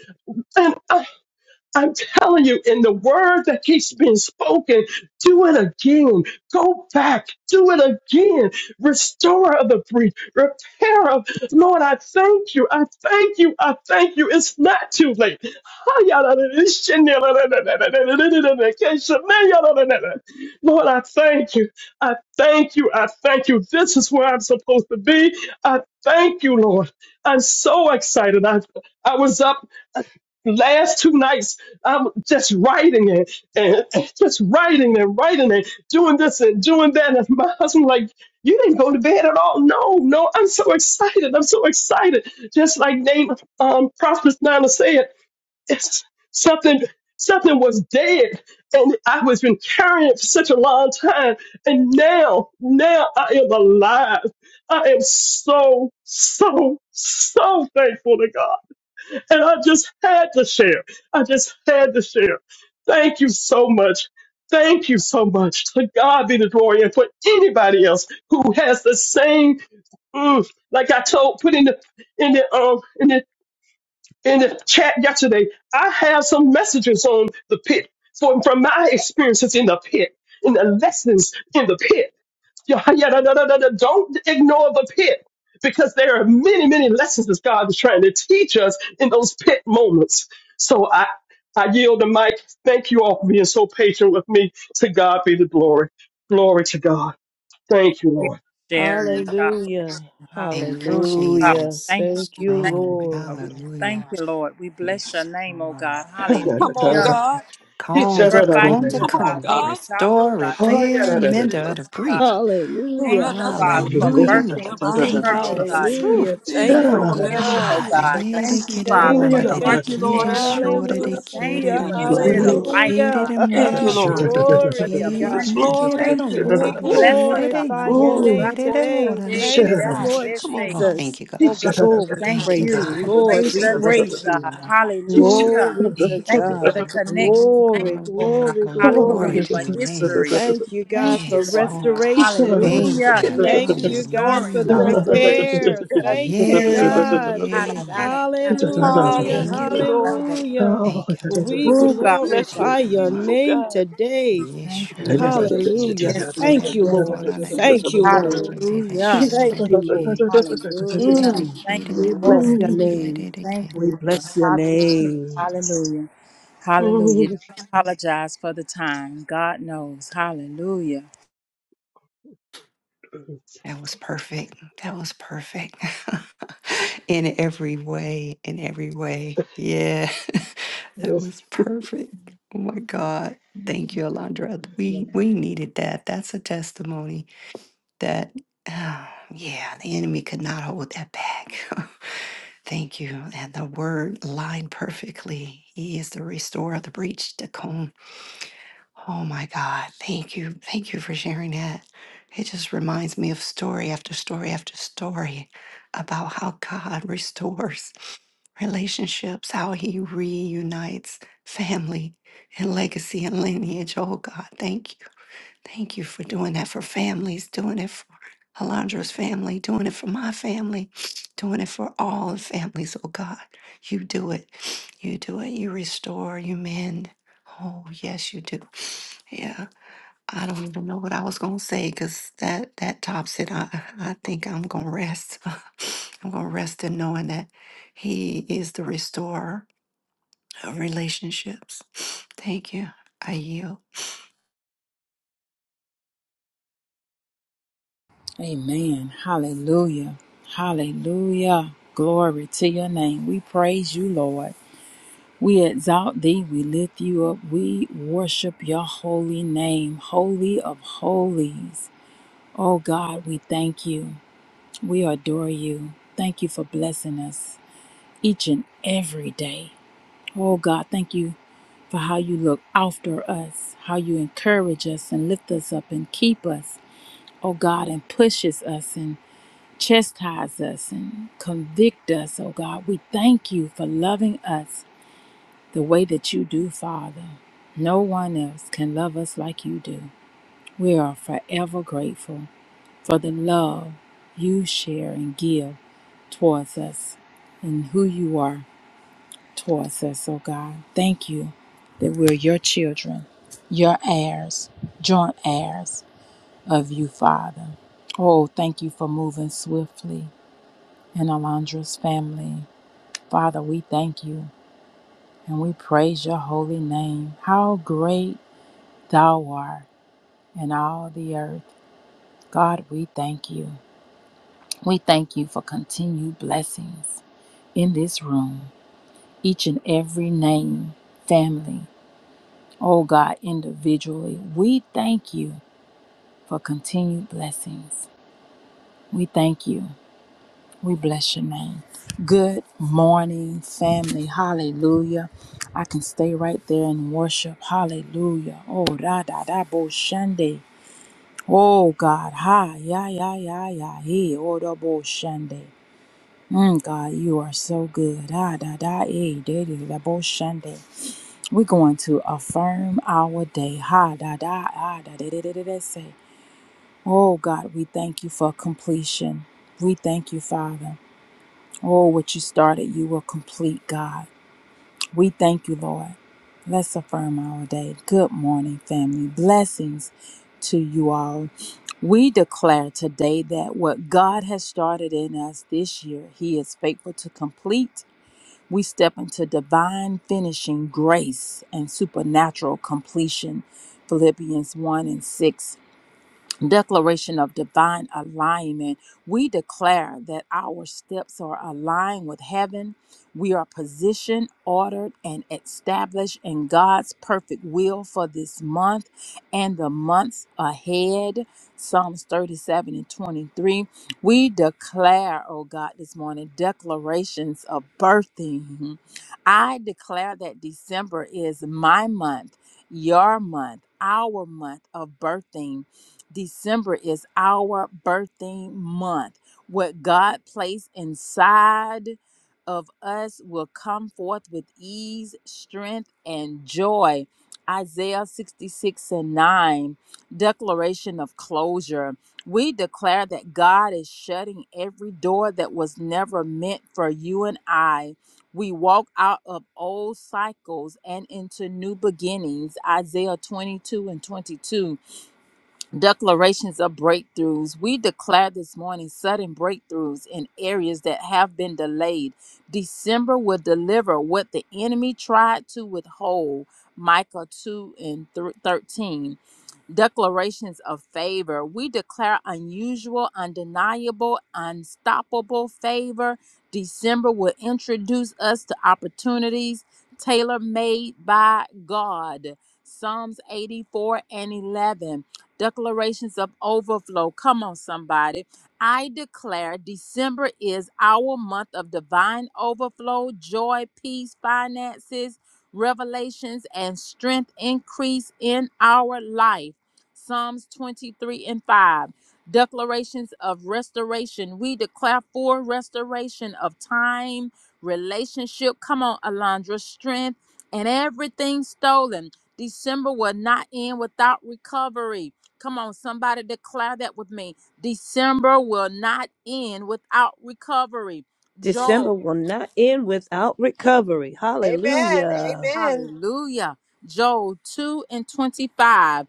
S4: And I I'm telling you, in the word that keeps being spoken, do it again. Go back, do it again. Restore of the breach, repair of. Lord, I thank you. I thank you. I thank you. It's not too late. Lord, I thank you. I thank you. I thank you. This is where I'm supposed to be. I thank you, Lord. I'm so excited. I, I was up last two nights, I'm just writing it and and just writing and writing it, doing this and doing that. And my husband, like, you didn't go to bed at all. No, no, I'm so excited. I'm so excited. Just like Name um Prophet Nana said, it's something something was dead and I was been carrying it for such a long time. And now, now I am alive. I am so, so, so thankful to God. And I just had to share. I just had to share. Thank you so much. Thank you so much. To God be the glory. And for anybody else who has the same, mm, like I told, put in the in the um in the in the chat yesterday, I have some messages on the pit from from my experiences in the pit, in the lessons in the pit. Yeah, yeah, no, no, no, no, no. Don't ignore the pit because there are many, many lessons that God is trying to teach us in those pit moments. So I, I yield the mic. Thank you all for being so patient with me. To God be the glory. Glory to God. Thank you,
S5: you for
S4: Lord.
S5: sharing, God.
S1: Hallelujah.
S3: Thank you,
S5: Hallelujah. God, we
S1: Hallelujah.
S3: Jesus.
S5: thank you. We
S1: Thank you,
S5: thank
S3: Strong.
S5: you, Lord. We
S1: Lord.
S5: thank
S3: Hallelujah.
S5: you, Lord. We bless your name, oh God.
S3: Restore. Teach
S2: Come
S3: on.
S2: on,
S5: Hallelujah.
S2: God.
S5: We
S3: Calm to
S5: glorify
S3: calm
S5: you,
S3: to
S2: Come
S5: oh
S2: on,
S5: God.
S3: calm.
S5: We
S2: God.
S5: exalt you,
S3: Restore,
S5: God. Thank you for
S3: repair,
S5: what
S3: mend
S5: you're doing,
S2: Yes.
S3: the breach.
S5: God.
S2: Lord,
S1: Hallelujah.
S5: Thank
S2: I
S5: you,
S2: love you.
S5: Father, for
S2: Go
S3: Hallelujah, Lord.
S5: birthing
S2: ahead,
S5: through
S2: Basi.
S3: Thank you,
S5: her, oh God.
S3: Jesus.
S5: New,
S3: Woo.
S1: Hallelujah.
S5: new
S2: Thank you,
S1: Thank you,
S2: Lord. Let it go
S5: beginnings,
S2: see
S1: God.
S5: oh
S3: Ah, le
S2: and
S5: God.
S2: that
S5: Thank
S2: guy.
S3: dire
S5: you,
S3: quiere
S5: Father,
S1: Thank
S5: for
S3: bovanda
S1: you,
S5: the
S3: de
S1: God.
S3: de
S2: Thank you, Lord.
S5: architect,
S3: quiere
S2: Let it
S5: God.
S2: go
S3: shore
S2: do
S3: de
S2: see
S5: Thank
S3: quiere
S5: you
S1: Hallelujah.
S3: de
S5: for the
S2: and that
S3: more
S5: spirit
S2: guy.
S5: of
S3: de
S5: life,
S3: quiere
S1: Hallelujah.
S5: God.
S3: de more
S5: Thank
S2: Thank
S3: de
S2: you,
S5: you, God,
S2: Lord.
S3: shore de
S5: for
S1: Glory
S5: the
S1: to
S3: que
S1: God.
S3: y
S5: abundance.
S3: quiere
S2: Glory.
S5: Thank you,
S3: romana
S1: We
S5: God.
S3: de
S2: Oh,
S5: Bless us,
S3: shere
S2: God.
S5: God.
S3: de
S1: glorify
S3: y
S1: your
S5: Oh,
S1: name
S3: quiere
S5: Rabo
S3: de
S1: today.
S3: mora de
S5: Shande, de de
S1: Thank
S3: que.
S5: de,
S1: you, Lord
S2: Come on,
S5: Rese.
S3: Oh,
S2: God.
S3: thank
S1: Jesus.
S3: you, God.
S5: Oh, God,
S1: Oh,
S5: we
S1: we
S5: thank
S3: Thank you,
S1: praise
S5: you.
S1: you,
S3: God.
S1: Lord.
S5: Praise
S1: We
S5: your name,
S1: praise you.
S5: God.
S3: Lord,
S5: Hallelujah.
S1: Glory to
S3: Thank you,
S5: Thank you for the
S1: God.
S5: connection.
S3: Lord. Glory,
S5: Thank
S1: Glory,
S3: glory,
S5: you, oh,
S3: glory,
S5: God.
S1: glory,
S3: glory, glory
S5: Hallelujah
S1: glory.
S3: to
S5: for
S3: your name.
S5: history.
S1: Thank you,
S5: Thank
S1: God, for
S5: you,
S3: Yes,
S5: Lord,
S3: oh
S5: God.
S3: God.
S1: restoration.
S3: Thank
S5: Hallelujah.
S3: you.
S5: Yes,
S1: Thank
S2: Connection,
S1: you, God,
S5: restoring,
S1: for
S3: Hallelujah,
S1: the
S5: God.
S3: Lord.
S2: restoration,
S1: repair.
S2: God.
S1: Thank you,
S5: Thank you,
S2: Harry.
S5: Lord.
S3: Yeah,
S1: God.
S5: Da,
S3: yeah,
S5: da, da, da,
S3: yeah.
S5: da, de, de, de, de, de,
S1: Hallelujah.
S3: Thank you,
S5: de,
S2: Hallelujah,
S3: God.
S2: Lord.
S5: Shande.
S1: Hallelujah.
S3: Thank you, Lord.
S1: We
S2: We
S5: Oh, God, we
S2: bless
S5: thank
S2: your
S5: you.
S3: Thank
S1: glorify
S3: you,
S1: your
S2: name,
S3: Lord.
S2: oh
S1: name
S2: God.
S1: today.
S5: Thank you.
S3: Yeshua de kere
S1: Hallelujah.
S5: Yes,
S3: de kere
S5: Lord.
S1: Thank
S3: de
S1: you,
S5: Yes.
S3: mora
S1: Lord.
S3: de
S1: Thank you,
S3: kere de
S1: Lord.
S3: kere de
S5: Hallelujah.
S3: shure
S1: Thank
S3: de
S1: you,
S3: kere
S1: Lord.
S3: yere
S5: Hallelujah.
S3: de
S1: Mm,
S5: Thank
S3: kere de
S1: we
S5: you, Lord.
S1: bless
S3: mora
S1: your
S3: de
S4: Oh.
S1: name.
S3: kere de
S5: Thank
S3: kere.
S1: We
S5: you, Lord.
S1: bless your
S5: Hallelujah.
S1: name.
S5: Hallelujah. Hallelujah. Don't apologize for the time. God knows. Hallelujah.
S3: That was perfect. That was perfect. in every way, in every way. Yeah, that was perfect. Oh my God. Thank you, Alondra. We we needed that. That's a testimony that, ah, yeah, the enemy could not hold that back. Thank you. And the word lined perfectly. He is the restorer of the breach, the comb. Oh my God. Thank you. Thank you for sharing that. It just reminds me of story after story after story about how God restores relationships, how he reunites family and legacy and lineage. Oh God, thank you. Thank you for doing that for families, doing it for Alondra's family, doing it for my family, doing it for all the families. Oh God, you do it. You do it. You restore, you mend. Oh, yes, you do. Yeah, I don't even know what I was going to say because that, that tops it. I, I think I'm going to rest. I'm going to rest in knowing that He is the restorer of relationships. Thank you. I yield.
S5: Amen. Hallelujah. Hallelujah. Glory to your name. We praise you, Lord. We exalt thee. We lift you up. We worship your holy name, holy of holies. Oh God, we thank you. We adore you. Thank you for blessing us each and every day. Oh God, thank you for how you look after us, how you encourage us and lift us up and keep us. Oh God, and pushes us and chastise us and convict us. Oh God, we thank you for loving us the way that you do, Father. No one else can love us like you do. We are forever grateful for the love you share and give towards us and who you are towards us, oh God. Thank you that we're your children, your heirs, joint heirs of you, Father. Oh, thank you for moving swiftly in Alondra's family. Father, we thank you and we praise your holy name. How great thou art in all the earth. God, we thank you. We thank you for continued blessings. in this room, each and every name, family, oh God, individually. We thank you for continued blessings. We thank you. We bless your name. Good morning, family. Hallelujah. I can stay right there and worship. Hallelujah. Oh, da da da bo shande. Oh God, Ha ya ya ya ya, he, oh da bo shande. Mm, God, you are so good. Da da da, eh, da da da bo shande. We're going to affirm our day. Ha da da ah, da da da da da da say. Oh God, we thank you for completion. We thank you, Father. Oh, what you started, you will complete, God. We thank you, Lord. Let's affirm our day. Good morning, family. Blessings to you all. We declare today that what God has started in us this year, He is faithful to complete we step into divine finishing grace and supernatural completion. Philippians 1 and 6 declaration of divine alignment, we declare that our steps are aligned with heaven. We are positioned, ordered, and established in God's perfect will for this month and the months ahead. Psalms 37 and 23. We declare, oh God, this morning, declarations of birthing. I declare that December is my month, your month, our month of birthing December is our birthing month. What God placed inside of us will come forth with ease, strength, and joy. Isaiah 66 and 9, declaration of closure. We declare that God is shutting every door that was never meant for you and I. We walk out of old cycles and into new beginnings. Isaiah 22 and 22 Declarations of breakthroughs. We declare this morning sudden breakthroughs in areas that have been delayed. December will deliver what the enemy tried to withhold. Micah 2 and thir- 13 declarations of favor. We declare unusual, undeniable, unstoppable favor. December will introduce us to opportunities tailor made by God. Psalms 84 and 11. Declarations of overflow. Come on, somebody. I declare December is our month of divine overflow, joy, peace, finances, revelations, and strength increase in our life. Psalms 23 and 5. Declarations of restoration. We declare for restoration of time, relationship. Come on, Alondra, strength, and everything stolen. December will not end without recovery. Come on, somebody declare that with me. December will not end without recovery.
S1: December
S5: Joel,
S1: will not end without recovery.
S2: Amen.
S1: Hallelujah.
S2: Amen.
S5: hallelujah. Joel 2 and 25.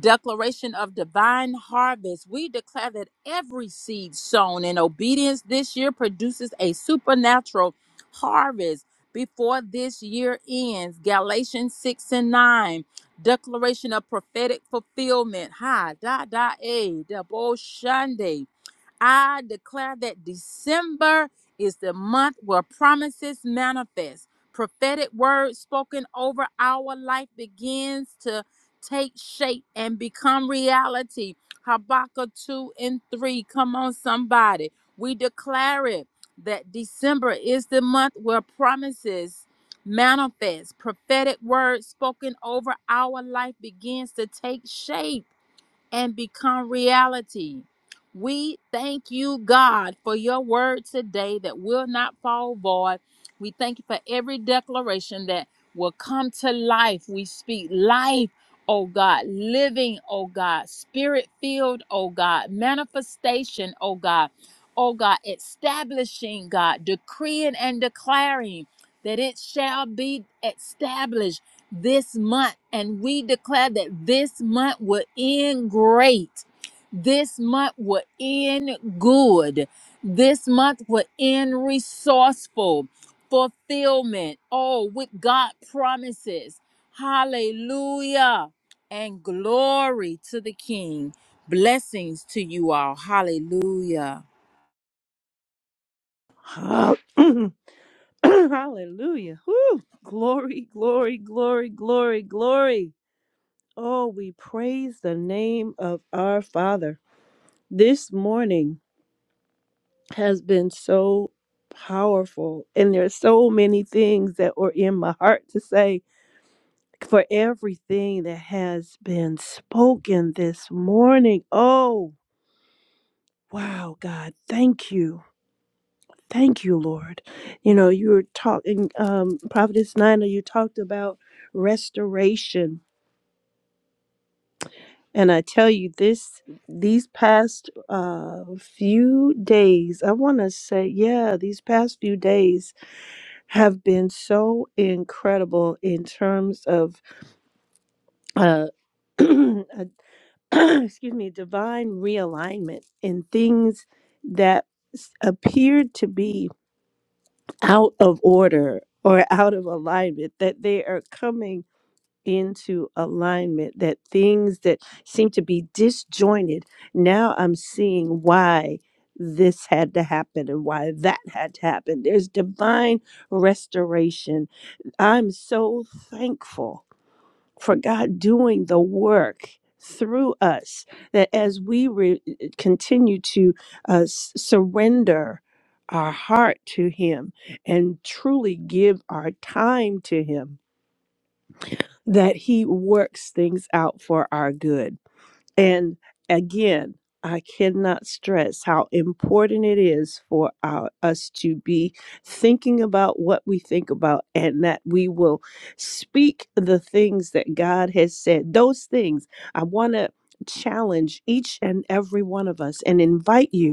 S5: Declaration of divine harvest. We declare that every seed sown in obedience this year produces a supernatural harvest before this year ends. Galatians 6 and 9. Declaration of prophetic fulfillment. Ha da da a da bo shande. I declare that December is the month where promises manifest. Prophetic words spoken over our life begins to take shape and become reality. Habakkuk 2 and 3. Come on, somebody. We declare it that December is the month where promises manifest. Prophetic words spoken over our life begins to take shape and become reality. We thank you, God, for your word today that will not fall void. We thank you for every declaration that will come to life. We speak life, oh God, living, oh God, spirit filled, oh God, manifestation, oh God, oh God, establishing, God, decreeing and declaring that it shall be established this month. And we declare that this month will end great. This month will end good. This month will end resourceful, fulfillment, oh, with God promises. Hallelujah. And glory to the King. Blessings to you all. Hallelujah.
S1: Hallelujah. Hallelujah. Whew. Glory, glory, glory, glory, glory. Oh, we praise the name of our Father. This morning has been so powerful, and there's so many things that were in my heart to say for everything that has been spoken this morning. Oh, wow, God, thank you. Thank you, Lord. You know, you were talking, um, Prophetess Nina, you talked about restoration. And I tell you, this these past uh, few days, I want to say, yeah, these past few days have been so incredible in terms of uh, a excuse me, divine realignment in things that s- appeared to be out of order or out of alignment, that they are coming into alignment, that things that seem to be disjointed, now I'm seeing why this had to happen and why that had to happen. There's divine restoration. I'm so thankful for God doing the work through us. That as we re- eh, continue to uh, s- surrender our heart to Him and truly give our time to Him, that He works things out for our good and again, I cannot stress how important it is for our, us to be thinking about what we think about and that we will speak the things that God has said. Those things I want to challenge each and every one of us and invite you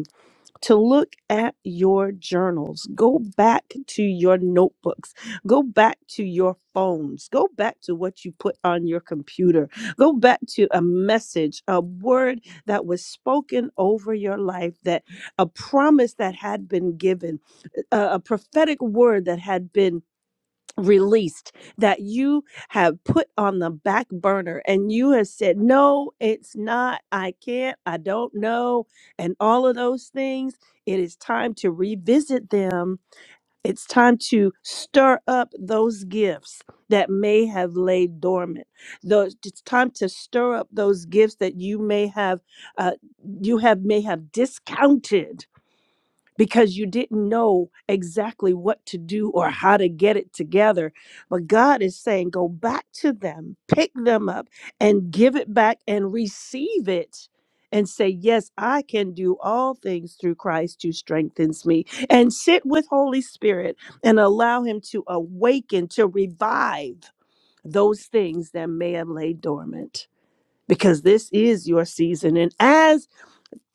S1: to look at your journals. Go back to your notebooks. Go back to your phones. Go back to what you put on your computer. Go back to a message, a word that was spoken over your life, that a promise that had been given, a, a prophetic word that had been released that you have put on the back burner and you have said no it's not i can't i don't know and all of those things it is time to revisit them it's time to stir up those gifts that may have laid dormant those it's time to stir up those gifts that you may have uh, you have may have discounted because you didn't know exactly what to do or how to get it together. But God is saying, go back to them, pick them up, and give it back and receive it. And say, Yes, I can do all things through Christ who strengthens me. And sit with Holy Spirit and allow Him to awaken, to revive those things that may have laid dormant. Because this is your season. And as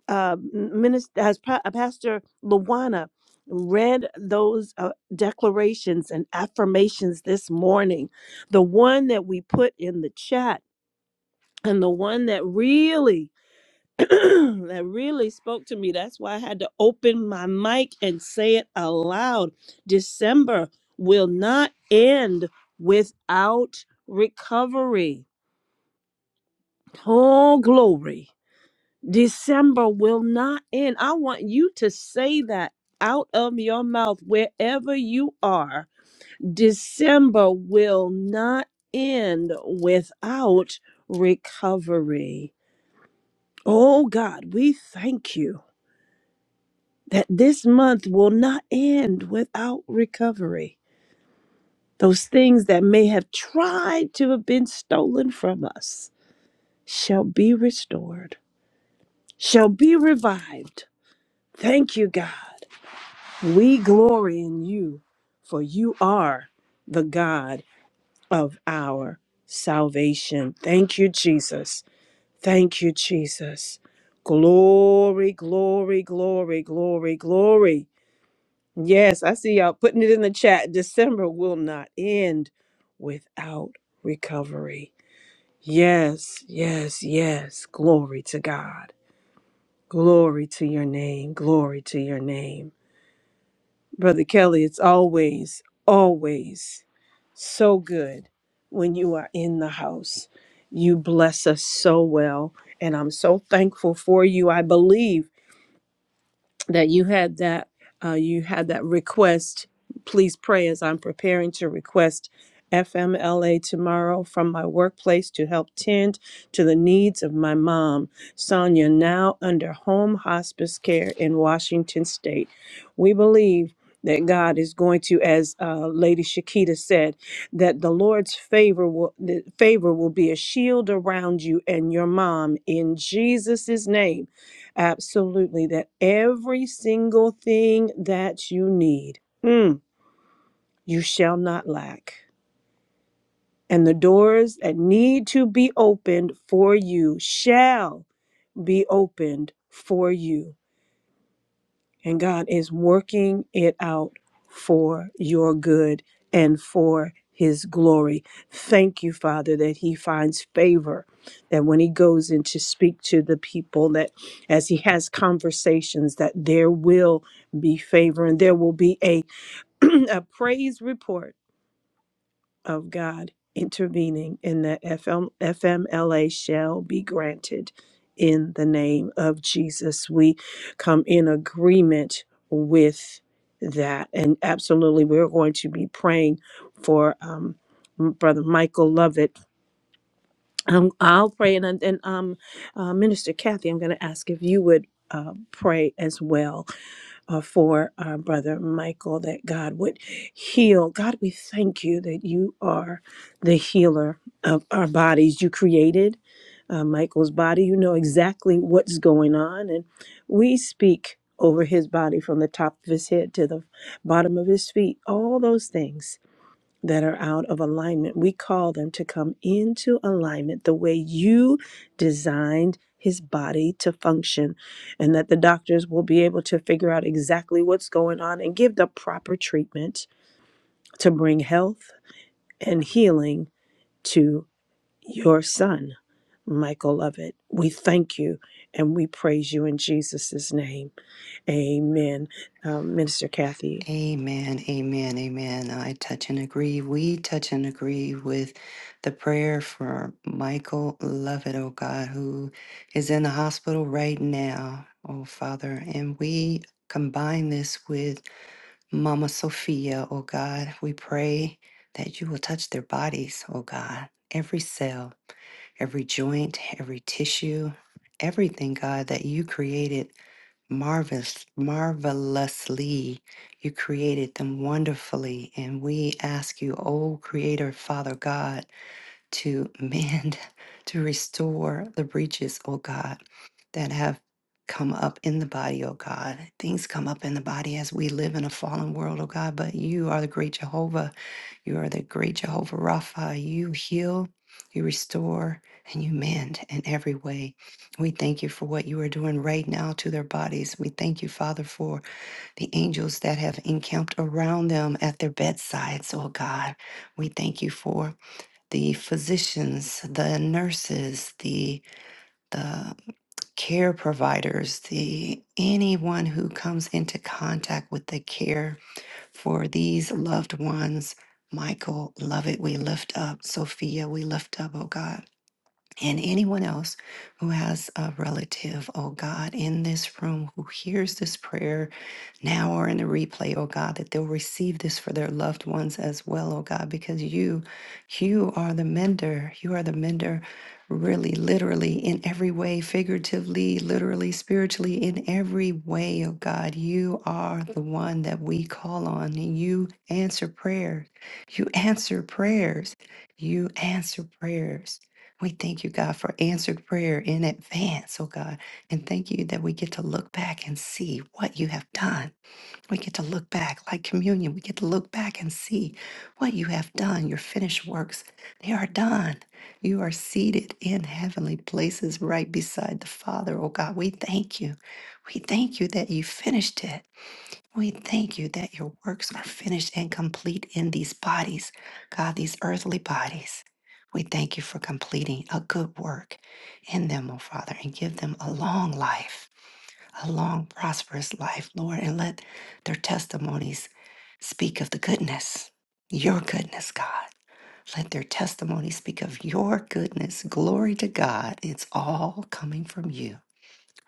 S1: uh, minister, as pa- uh, Pastor Luana read those uh, declarations and affirmations this morning, the one that we put in the chat and the one that really that really spoke to me that's why i had to open my mic and say it aloud december will not end without recovery oh glory December will not end. I want you to say that out of your mouth wherever you are. December will not end without recovery. Oh God, we thank you that this month will not end without recovery. Those things that may have tried to have been stolen from us shall be restored, shall be revived. Thank you, God. We glory in you, for you are the God of our salvation. Thank you, Jesus. Thank you, Jesus. Glory, glory, glory, glory, glory. Yes, I see y'all putting it in the chat. December will not end without recovery. Yes, yes, yes. Glory to God. Glory to your name. Glory to your name. Brother Kelly, it's always, always so good when you are in the house. You bless us so well, and I'm so thankful for you. I believe that you had that uh, you had that request. Please pray as I'm preparing to request FMLA tomorrow from my workplace to help tend to the needs of my mom, Sonia, now under home hospice care in Washington State. We believe that God is going to, as uh, Lady Shakita said, that the Lord's favor will the favor will be a shield around you and your mom in Jesus' name. Absolutely, that every single thing that you need, mm, you shall not lack. And the doors that need to be opened for you shall be opened for you. And God is working it out for your good and for his glory. Thank you, Father, that he finds favor, that when he goes in to speak to the people, that as he has conversations, that there will be favor and there will be a, a praise report of God intervening and that FM, FMLA shall be granted in the name of Jesus. We come in agreement with that. And absolutely, we're going to be praying for um, Brother Michael Lovett. Um, I'll pray. And, and um, uh, Minister Kathy, I'm going to ask if you would uh, pray as well uh, for our brother Michael, that God would heal. God, we thank you that you are the healer of our bodies. You created uh, Michael's body, you know exactly what's going on. And we speak over his body from the top of his head to the bottom of his feet, all those things that are out of alignment. We call them to come into alignment the way you designed his body to function, and that the doctors will be able to figure out exactly what's going on and give the proper treatment to bring health and healing to your son, Michael Lovett. We thank you and we praise you in Jesus' name. Amen. Um, Minister Kathy.
S3: Amen, amen, amen. I touch and agree. We touch and agree with the prayer for Michael Lovett, oh God, who is in the hospital right now, oh Father. And we combine this with Mama Sophia, oh God. We pray that you will touch their bodies, oh God, every cell, every joint, every tissue, everything, God, that you created marvelous, marvelously. You created them wonderfully. And we ask you, O Creator, Father God, to mend, to restore the breaches, O God, that have come up in the body, O God. Things come up in the body as we live in a fallen world, O God, but you are the great Jehovah you are the great Jehovah Rapha. You heal, you restore, and you mend in every way. We thank you for what you are doing right now to their bodies. We thank you, Father, for the angels that have encamped around them at their bedsides, oh God. We thank you for the physicians, the nurses, the the care providers, the anyone who comes into contact with the care for these loved ones. Michael, love it. We lift up Sophia. We lift up, oh God. And anyone else who has a relative, oh God, in this room who hears this prayer now or in the replay, oh God, that they'll receive this for their loved ones as well, oh God, because you, you are the mender. You are the mender, really, literally, in every way, figuratively, literally, spiritually, in every way, oh God. You are the one that we call on, and you answer prayers. You answer prayers. You answer prayers. We thank you, God, for answered prayer in advance, oh God. And thank you that we get to look back and see what you have done we get to look back, like communion, we get to look back and see what you have done. Your finished works, they are done. You are seated in heavenly places right beside the Father. Oh God, we thank you. We thank you that you finished it. We thank you that your works are finished and complete in these bodies, God, these earthly bodies. We thank you for completing a good work in them, oh Father, and give them a long life a long, prosperous life, Lord, and let their testimonies speak of the goodness, your goodness, God. Let their testimonies speak of your goodness. Glory to God. It's all coming from you.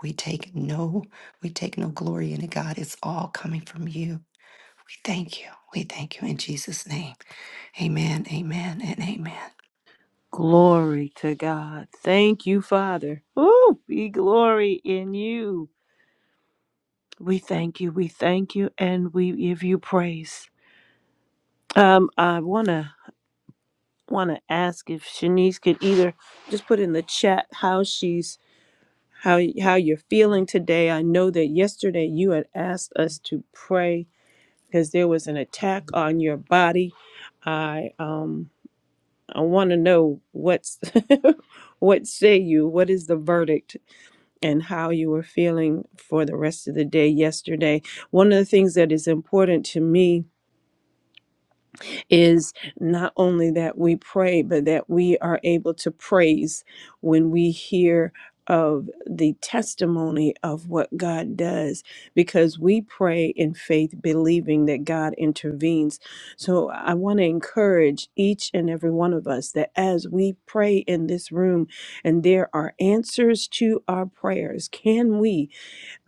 S3: We take no, we take no glory in it, God. It's all coming from you. We thank you. We thank you in Jesus' name. Amen, amen, and amen.
S1: Glory to God. Thank you, Father. Ooh, be glory in you. We thank you. We thank you, and we give you praise. Um, I wanna wanna ask if Shanice could either just put in the chat how she's how how you're feeling today. I know that yesterday you had asked us to pray because there was an attack on your body. I um I want to know what's what say you? What is the verdict? and how you were feeling for the rest of the day yesterday. One of the things that is important to me is not only that we pray, but that we are able to praise when we hear of the testimony of what God does because we pray in faith believing that God intervenes. So I want to encourage each and every one of us that as we pray in this room and there are answers to our prayers, can we?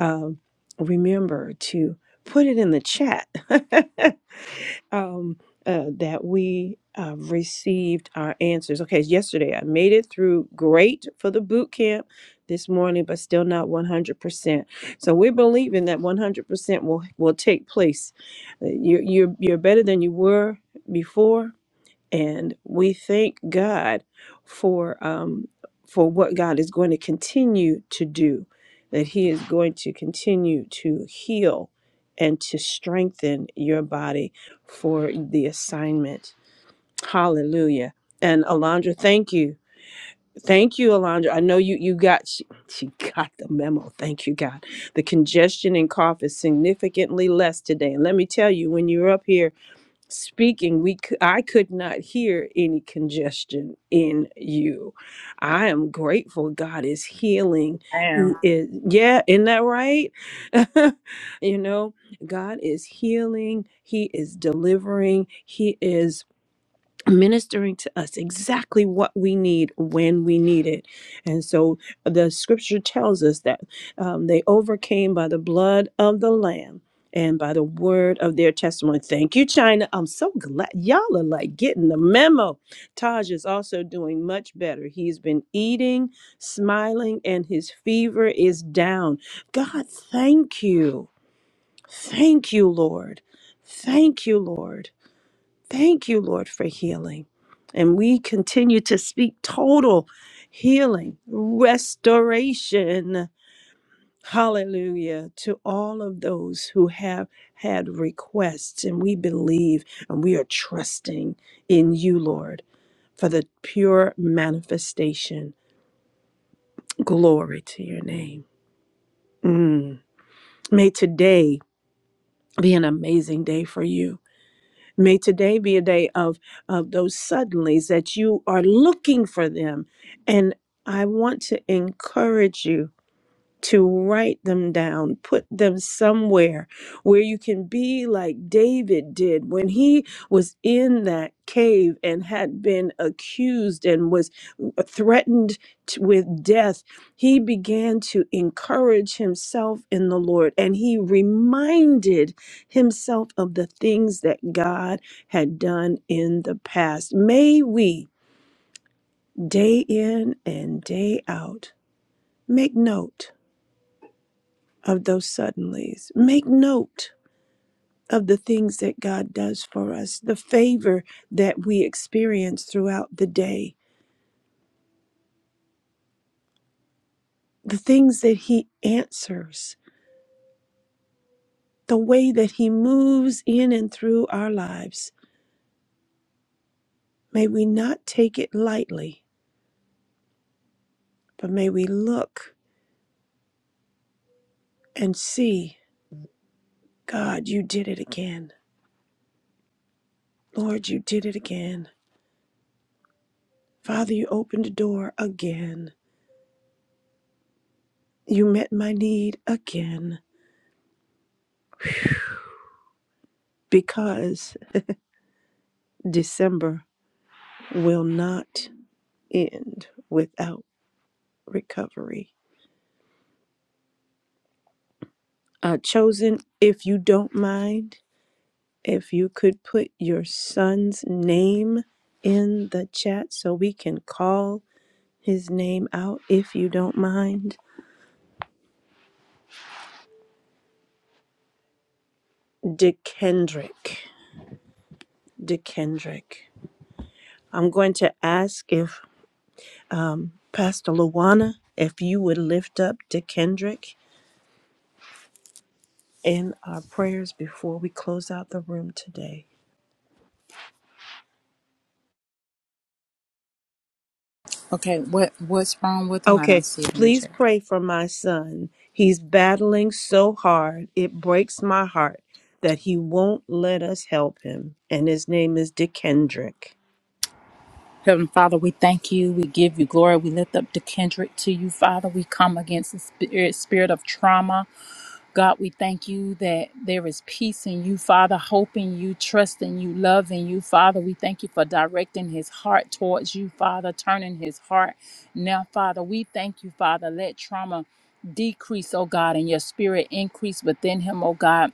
S1: um, remember to put it in the chat um, uh, that we uh, received our answers. Okay, yesterday I made it through great for the boot camp this morning, but still not 100%. So we're believing that 100% will, will take place. Uh, you you're, you're better than you were before and we thank God for um, for what God is going to continue to do, that He is going to continue to heal and to strengthen your body for the assignment. Hallelujah! And Alondra, thank you. Thank you, Alondra. I know you you got she, she got the memo. Thank you, God. The congestion and cough is significantly less today. And let me tell you, when you're up here speaking we c- i could not hear any congestion in you i am grateful god is healing he
S5: Damn.
S1: is yeah isn't that right you know god is healing he is delivering he is ministering to us exactly what we need when we need it. And so the scripture tells us that um, they overcame by the blood of the Lamb and by the word of their testimony. Thank you, China. I'm so glad y'all are like getting the memo. Taj is also doing much better. He's been eating, smiling, and his fever is down. God, thank you. Thank you, Lord. Thank you, Lord. Thank you, Lord, for healing. And we continue to speak total healing, restoration. Hallelujah to all of those who have had requests. And we believe and we are trusting in you, Lord, for the pure manifestation. Glory to your name. Mm. May today be an amazing day for you. May today be a day of, of those suddenlies that you are looking for them. And I want to encourage you to write them down, put them somewhere where you can be like David did when he was in that cave and had been accused and was threatened t- with death. He began to encourage himself in the Lord and he reminded himself of the things that God had done in the past. May we, day in and day out, make note of those suddenlies. Make note of the things that God does for us, the favor that we experience throughout the day, the things that He answers, the way that He moves in and through our lives. May we not take it lightly, but may we look and see God, you did it again. Lord, you did it again. Father, you opened a door again. You met my need again because December will not end without recovery. Uh, Chosen, if you don't mind, if you could put your son's name in the chat so we can call his name out, if you don't mind. DeKendrick. DeKendrick. I'm going to ask if Pastor Luana, if you would lift up DeKendrick in our prayers before we close out the room today.
S5: Okay, what what's wrong with them? I don't
S1: Okay,
S5: see it in the
S1: please
S5: chat.
S1: pray for my son. He's battling so hard, it breaks my heart that he won't let us help him. And his name is Dick Hendrick.
S5: Heavenly Father, we thank you. We give you glory. We lift up the Kendrick to you, Father. We come against the spirit, spirit of trauma. God, we thank you that there is peace in you, Father, hope in you, trust in you, love in you, Father. We thank you for directing his heart towards you, Father, turning his heart. Now, Father, we thank you, Father. Let trauma decrease, oh God, and your spirit increase within him, oh God.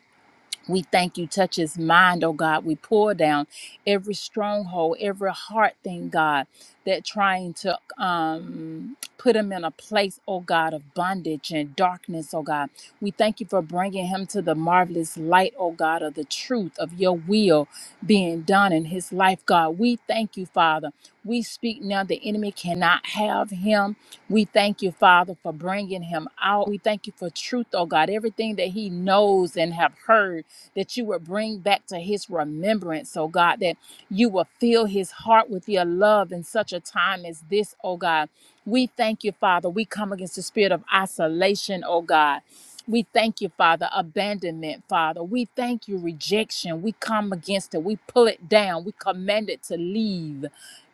S5: We thank you, touch his mind, oh God. We pour down every stronghold, every heart thing, God, that trying to um, put him in a place, oh God, of bondage and darkness, oh God. We thank you for bringing him to the marvelous light, oh God, of the truth of your will being done in his life, God. We thank you, Father. We speak now, the enemy cannot have him. We thank you, Father, for bringing him out. We thank you for truth, oh God, everything that he knows and have heard that you would bring back to his remembrance, oh God, that you will fill his heart with your love in such a time as this, oh God. We thank you, Father. We come against the spirit of isolation, oh God. We thank you, Father, abandonment, Father. We thank you, rejection. We come against it. We pull it down. We command it to leave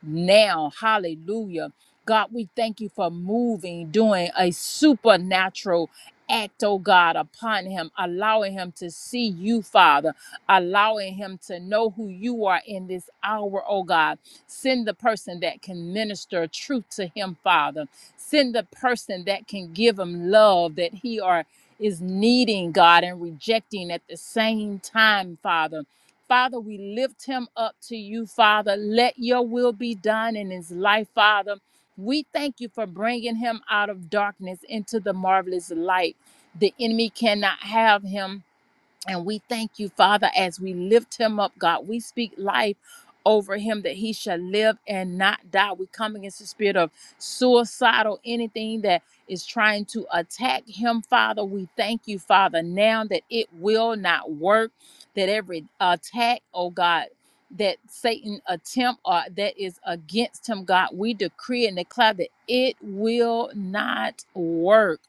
S5: now. Hallelujah. God, we thank you for moving, doing a supernatural act, oh God, upon him, allowing him to see you, Father, allowing him to know who you are in this hour, oh God. Send the person that can minister truth to him, Father. Send the person that can give him love that he are is needing God and rejecting at the same time, Father. Father, we lift him up to you, Father. Let your will be done in his life, Father. We thank you for bringing him out of darkness into the marvelous light. The enemy cannot have him and we thank you, Father, as we lift him up, God. We speak life over him that he shall live and not die. We come against the spirit of suicidal, anything that is trying to attack him, Father. We thank you, Father, now that it will not work, that every attack, oh God, that Satan attempt or that is against him, God, we decree and declare that it will not work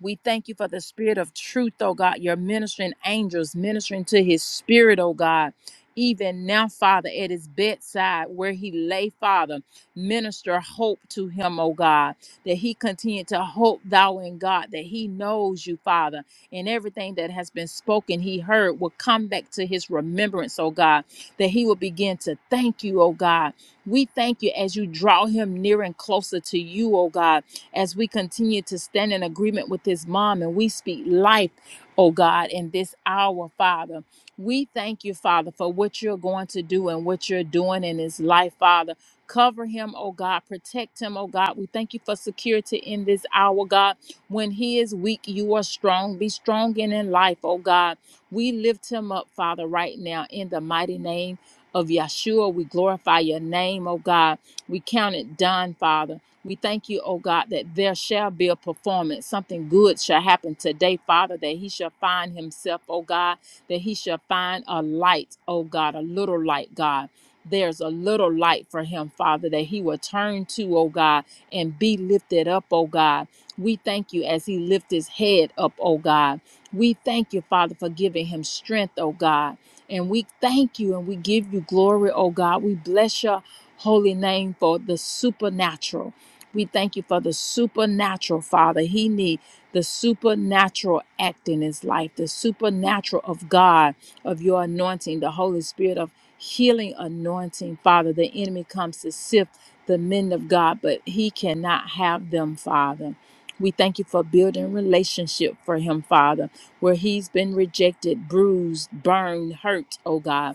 S5: we thank you for the spirit of truth, oh God, your ministering angels ministering to his spirit, oh God. Even now, Father, at his bedside where he lay, Father, minister hope to him, oh God, that he continue to hope thou in God, that he knows you, Father, and everything that has been spoken, he heard, will come back to his remembrance, oh God, that he will begin to thank you, oh God. We thank you as you draw him near and closer to you, oh God as we continue to stand in agreement with his mom and we speak life, oh God, in this hour, Father. We thank you, Father, for what you're going to do and what you're doing in his life, Father. Cover him, oh God. Protect him, oh God. We thank you for security in this hour, God. When he is weak, you are strong. Be strong in in life, oh God. We lift him up, Father, right now in the mighty name of Yeshua. We glorify your name, oh God. We count it done, Father. We thank you, O God, that there shall be a performance. Something good shall happen today, Father, that he shall find himself, O God, that he shall find a light, O God, a little light, God. There's a little light for him, Father, that he will turn to, O God, and be lifted up, O God. We thank you as he lifts his head up, O God. We thank you, Father, for giving him strength, O God. And we thank you and we give you glory, O God. We bless your holy name for the supernatural. We thank you for the supernatural, Father. He needs the supernatural act in his life, the supernatural of God, of your anointing, the Holy Spirit of healing anointing, Father. The enemy comes to sift the men of God, but he cannot have them, Father. We thank you for building relationship for him, Father, where he's been rejected, bruised, burned, hurt, oh God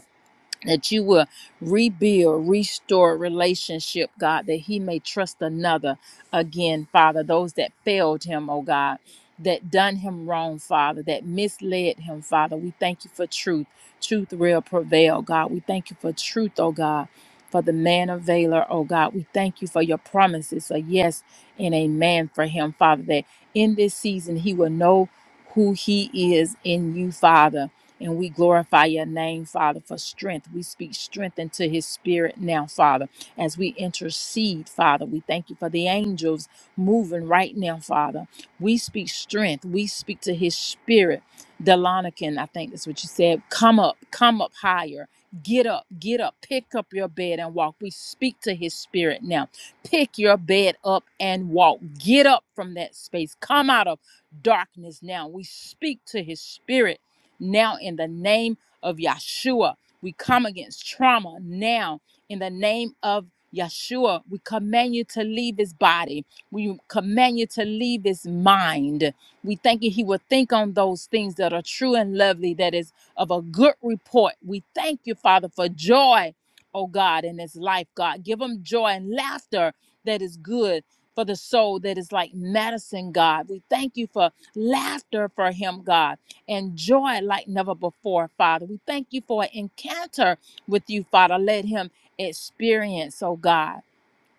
S5: that you will rebuild, restore relationship, God, that he may trust another again, Father, those that failed him, oh God, that done him wrong, Father, that misled him, Father. We thank you for truth. Truth will prevail, God. We thank you for truth, oh God. For the man of valor, oh God, we thank you for your promises, a yes and amen for him, Father, that in this season he will know who he is in you, Father and we glorify your name, Father, for strength. We speak strength into his spirit now, Father, as we intercede, Father. We thank you for the angels moving right now, Father. We speak strength. We speak to his spirit. Delonican, I think that's what you said. Come up, come up higher. Get up, get up, pick up your bed and walk. We speak to his spirit now. Pick your bed up and walk. Get up from that space. Come out of darkness now. We speak to his spirit now in the name of Yeshua. We come against trauma now in the name of Yeshua. We command you to leave his body. We command you to leave his mind. We thank you. He will think on those things that are true and lovely, that is of a good report. We thank you, Father, for joy, oh God, in his life, God. Give him joy and laughter that is good for the soul, that is like medicine, God. We thank you for laughter for him, God and joy like never before, Father. We thank you for an encounter with you, Father. Let him experience, oh God,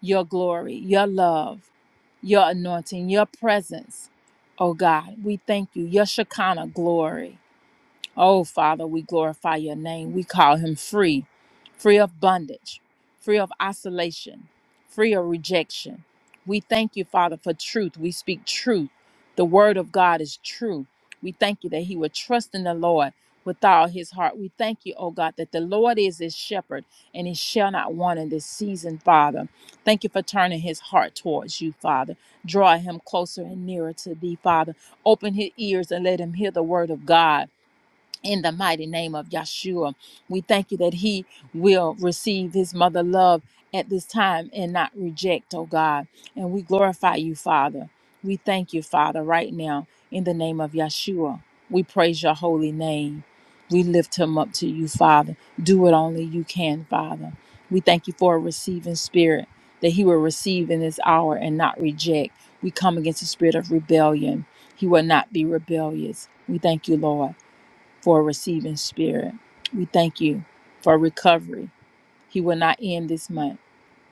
S5: your glory, your love, your anointing, your presence, oh God. We thank you, your Shekinah glory. Oh, Father, we glorify your name. We call him free, free of bondage, free of isolation, free of rejection. We thank you, Father, for truth. We speak truth. The word of God is true. We thank you that he would trust in the Lord with all his heart. We thank you, oh God, that the Lord is his shepherd and he shall not want in this season, Father. Thank you for turning his heart towards you, Father. Draw him closer and nearer to thee, Father. Open his ears and let him hear the word of God in the mighty name of Yeshua. We thank you that he will receive his mother love at this time and not reject, oh God. And we glorify you, Father. We thank you, Father, right now in the name of Yeshua. We praise your holy name. We lift him up to you, Father. Do what only you can, Father. We thank you for a receiving spirit that he will receive in this hour and not reject. We come against the spirit of rebellion. He will not be rebellious. We thank you, Lord for a receiving spirit. We thank you for recovery. He will not end this month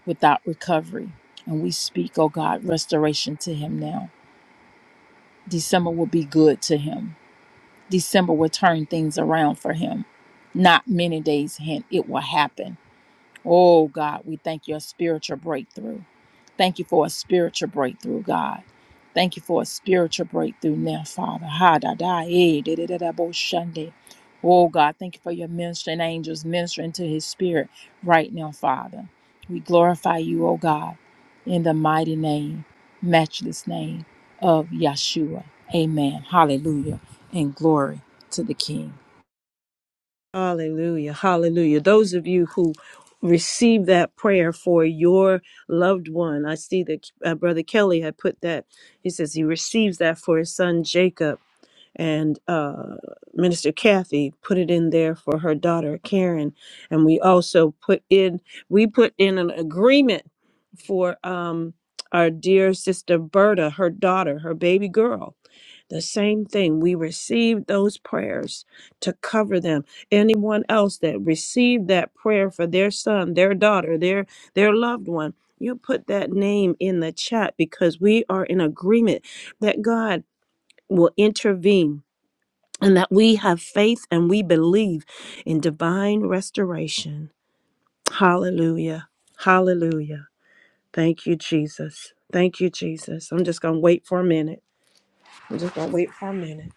S5: without recovery. And we speak, oh God, restoration to him now. December will be good to him. December will turn things around for him. Not many days hence, it will happen. Oh God, we thank your spiritual breakthrough. Thank you for a spiritual breakthrough, God. Thank you for a spiritual breakthrough now, Father. Ha da da eh, da da da da bo shunde. Oh God, thank you for your ministering angels ministering to his spirit right now, Father. We glorify you, oh God, in the mighty name, matchless name of Yeshua. Amen. Hallelujah. And glory to the King.
S1: Hallelujah, hallelujah. Those of you who received that prayer for your loved one, I see that uh, Brother Kelly had put that, he says he receives that for his son Jacob. and uh, Minister Kathy put it in there for her daughter Karen, and we also put in we put in an agreement for um, our dear sister Berta, her daughter, her baby girl. The same thing. We received those prayers to cover them. Anyone else that received that prayer for their son, their daughter, their their loved one. You put that name in the chat because we are in agreement that God will intervene and that we have faith and we believe in divine restoration. Hallelujah. Hallelujah. Thank you, Jesus. Thank you, Jesus. I'm just going to wait for a minute. I'm just going to wait for a minute.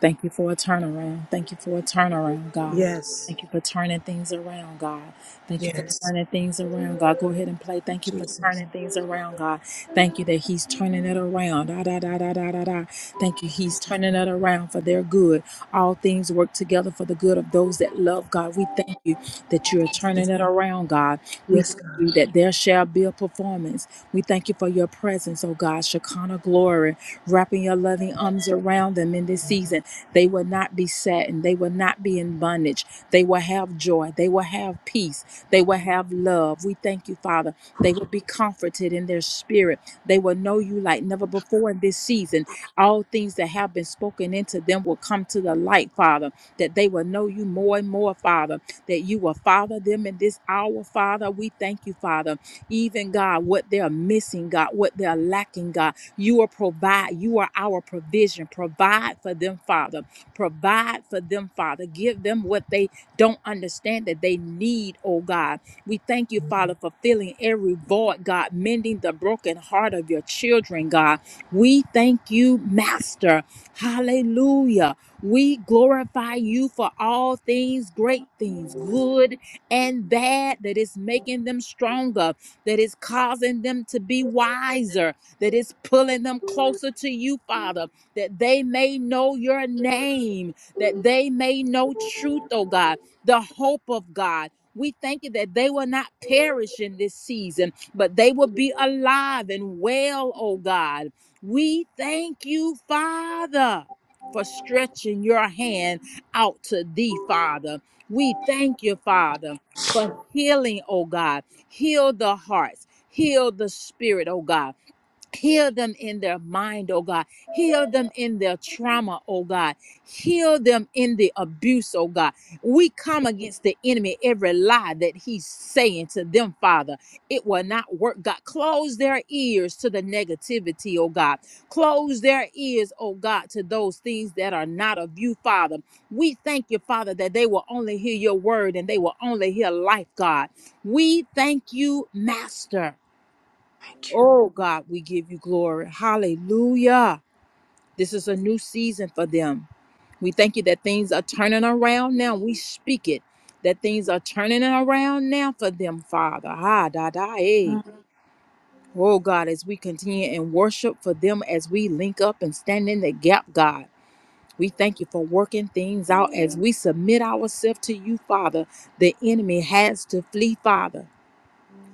S5: Thank you for a turnaround. Thank you for a turnaround, God.
S1: Yes.
S5: Thank you for turning things around, God. Thank you for
S1: Yes.
S5: turning things around, God. Go ahead and play. Thank you for
S1: Jesus.
S5: turning things around, God. Thank you that He's turning it around. Da, da, da, da, da, da, da. Thank you. He's turning it around for their good. All things work together for the good of those that love God. We thank you that you're turning it around, God. We
S1: Yes.
S5: thank you that there shall be a performance. We thank you for your presence, oh God. Shekinah glory, wrapping your loving arms around them in this season. They will not be saddened. They will not be in bondage. They will have joy. They will have peace. They will have love. We thank you, Father. They will be comforted in their spirit. They will know you like never before in this season. All things that have been spoken into them will come to the light, Father, that they will know you more and more, Father, that you will father them in this hour, Father. We thank you, Father. Even God, what they're missing, God, what they're lacking, God, you are provide. You are our provision. Provide for them, Father. Provide for them, Father. Give them what they don't understand that they need, oh God. We thank you, Father, for filling every void, God, mending the broken heart of your children, God. We thank you, Master. Hallelujah. We glorify you for all things, great things, good and bad, that is making them stronger, that is causing them to be wiser, that is pulling them closer to you, Father that they may know your name, that they may know truth, oh God, the hope of God. We thank you that they will not perish in this season, but they will be alive and well, oh God. We thank you, Father, for stretching your hand out to thee, Father. We thank you, Father, for healing, oh God. Heal the hearts, heal the spirit, oh God. Heal them in their mind, oh God. Heal them in their trauma, oh God. Heal them in the abuse, oh God. We come against the enemy, every lie that he's saying to them, Father. It will not work, God. Close their ears to the negativity, oh God. Close their ears, oh God, to those things that are not of you, Father. We thank you, Father, that they will only hear your word and they will only hear life, God. We thank you, Master.
S1: Thank you.
S5: Oh God, we give you glory. Hallelujah. This is a new season for them. We thank you that things are turning around now. We speak it that things are turning around now for them, Father. Ha da da eh. Oh God, as we continue in worship for them, as we link up and stand in the gap, God. We thank you for working things out as we submit ourselves to you, Father. The enemy has to flee, Father.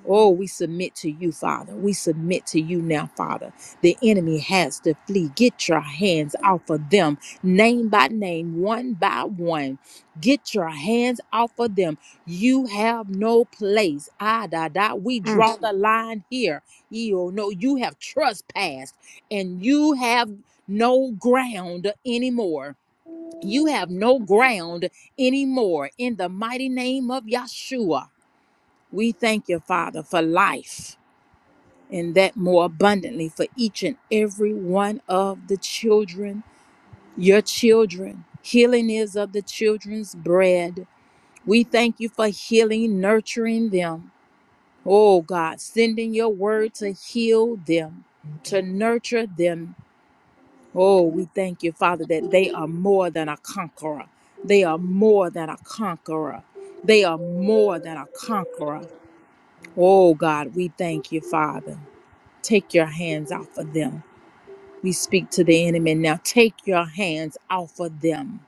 S5: Oh, we submit to you, Father. We submit to you now, Father. The enemy has to flee. Get your hands off of them, name by name, one by one. Get your hands off of them. You have no place. Ah, da, da. We
S1: Mm.
S5: draw the line here. You know, you have trespassed and you have no ground anymore. You have no ground anymore in the mighty name of Yeshua. We thank you, Father, for life and that more abundantly for each and every one of the children, your children. Healing is of the children's bread. We thank you for healing, nurturing them. Oh God, sending your word to heal them, to nurture them. Oh, we thank you, Father, that they are more than a conqueror. They are more than a conqueror. They are more than a conqueror. Oh God, we thank you, Father. Take your hands off of them. We speak to the enemy now. Take your hands off of them.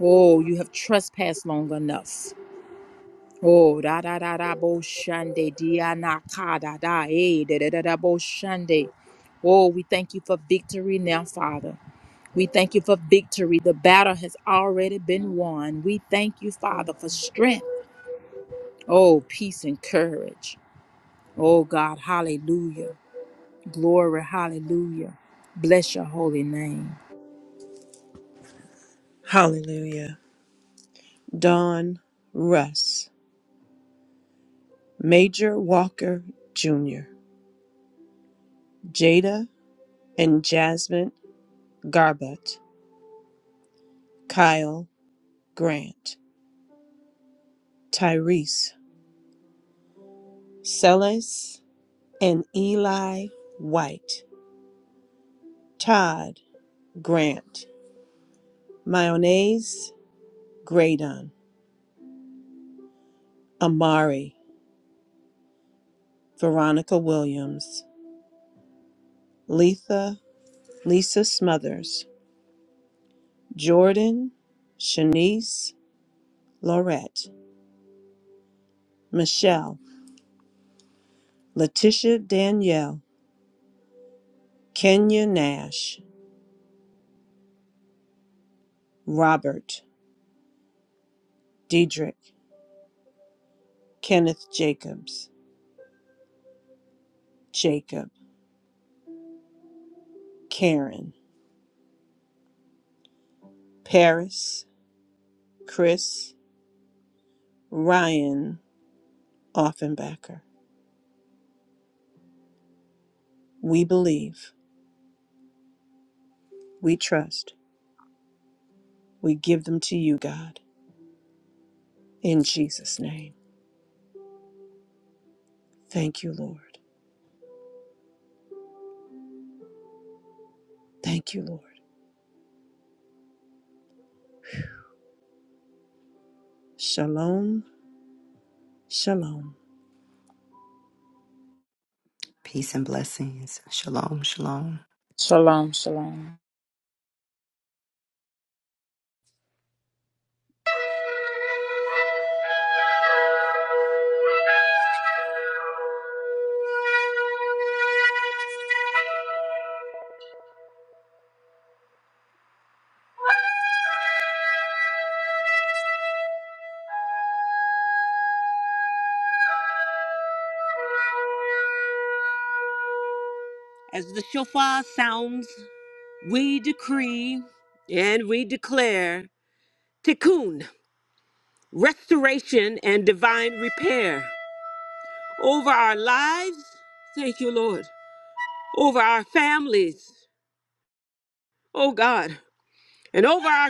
S5: Oh, you have trespassed long enough. Oh, da da da da bo shande diana ka da da eh, da da da da bo shande. Oh, we thank you for victory now, Father. We thank you for victory. The battle has already been won. We thank you, Father, for strength. Oh, peace and courage. Oh, God, hallelujah. Glory, hallelujah. Bless your holy name.
S1: Hallelujah. Don Russ, Major Walker Jr., Jada and Jasmine Garbutt, Kyle Grant, Tyrese Sellis, and Eli White, Todd Grant, Mayonnaise Graydon, Amari, Veronica Williams, Letha, Lisa Smothers, Jordan, Shanice Laurette, Michelle, Letitia Danielle, Kenya Nash, Robert, Diedrich, Kenneth Jacobs, Jacob, Karen, Paris, Chris, Ryan, Offenbacher. We believe, we trust, we give them to you, God, in Jesus' name. Thank you, Lord. Thank you, Lord. Shalom, shalom.
S3: Peace and blessings. Shalom, shalom.
S5: Shalom, shalom.
S2: As the shofar sounds, we decree and we declare tikkun, restoration and divine repair. Oh, thank you, Lord. over our families, oh God, and over our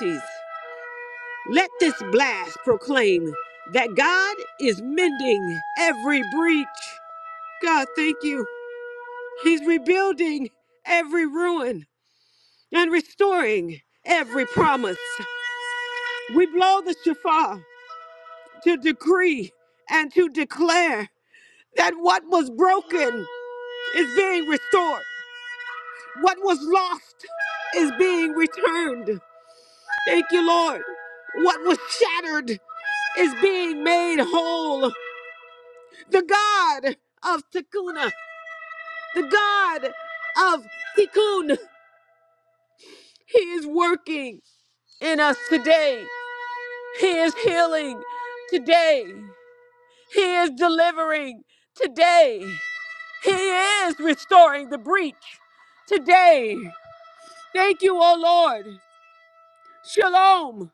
S2: communities. You story to decree and to declare that what was broken is being restored, what was lost is being returned. Thank you, Lord. What was shattered is being made whole. The God of Tikkun, the God of Tikkun, He is working in us today. He is healing today. He is delivering today. He is restoring the breach today. Thank you, O Lord.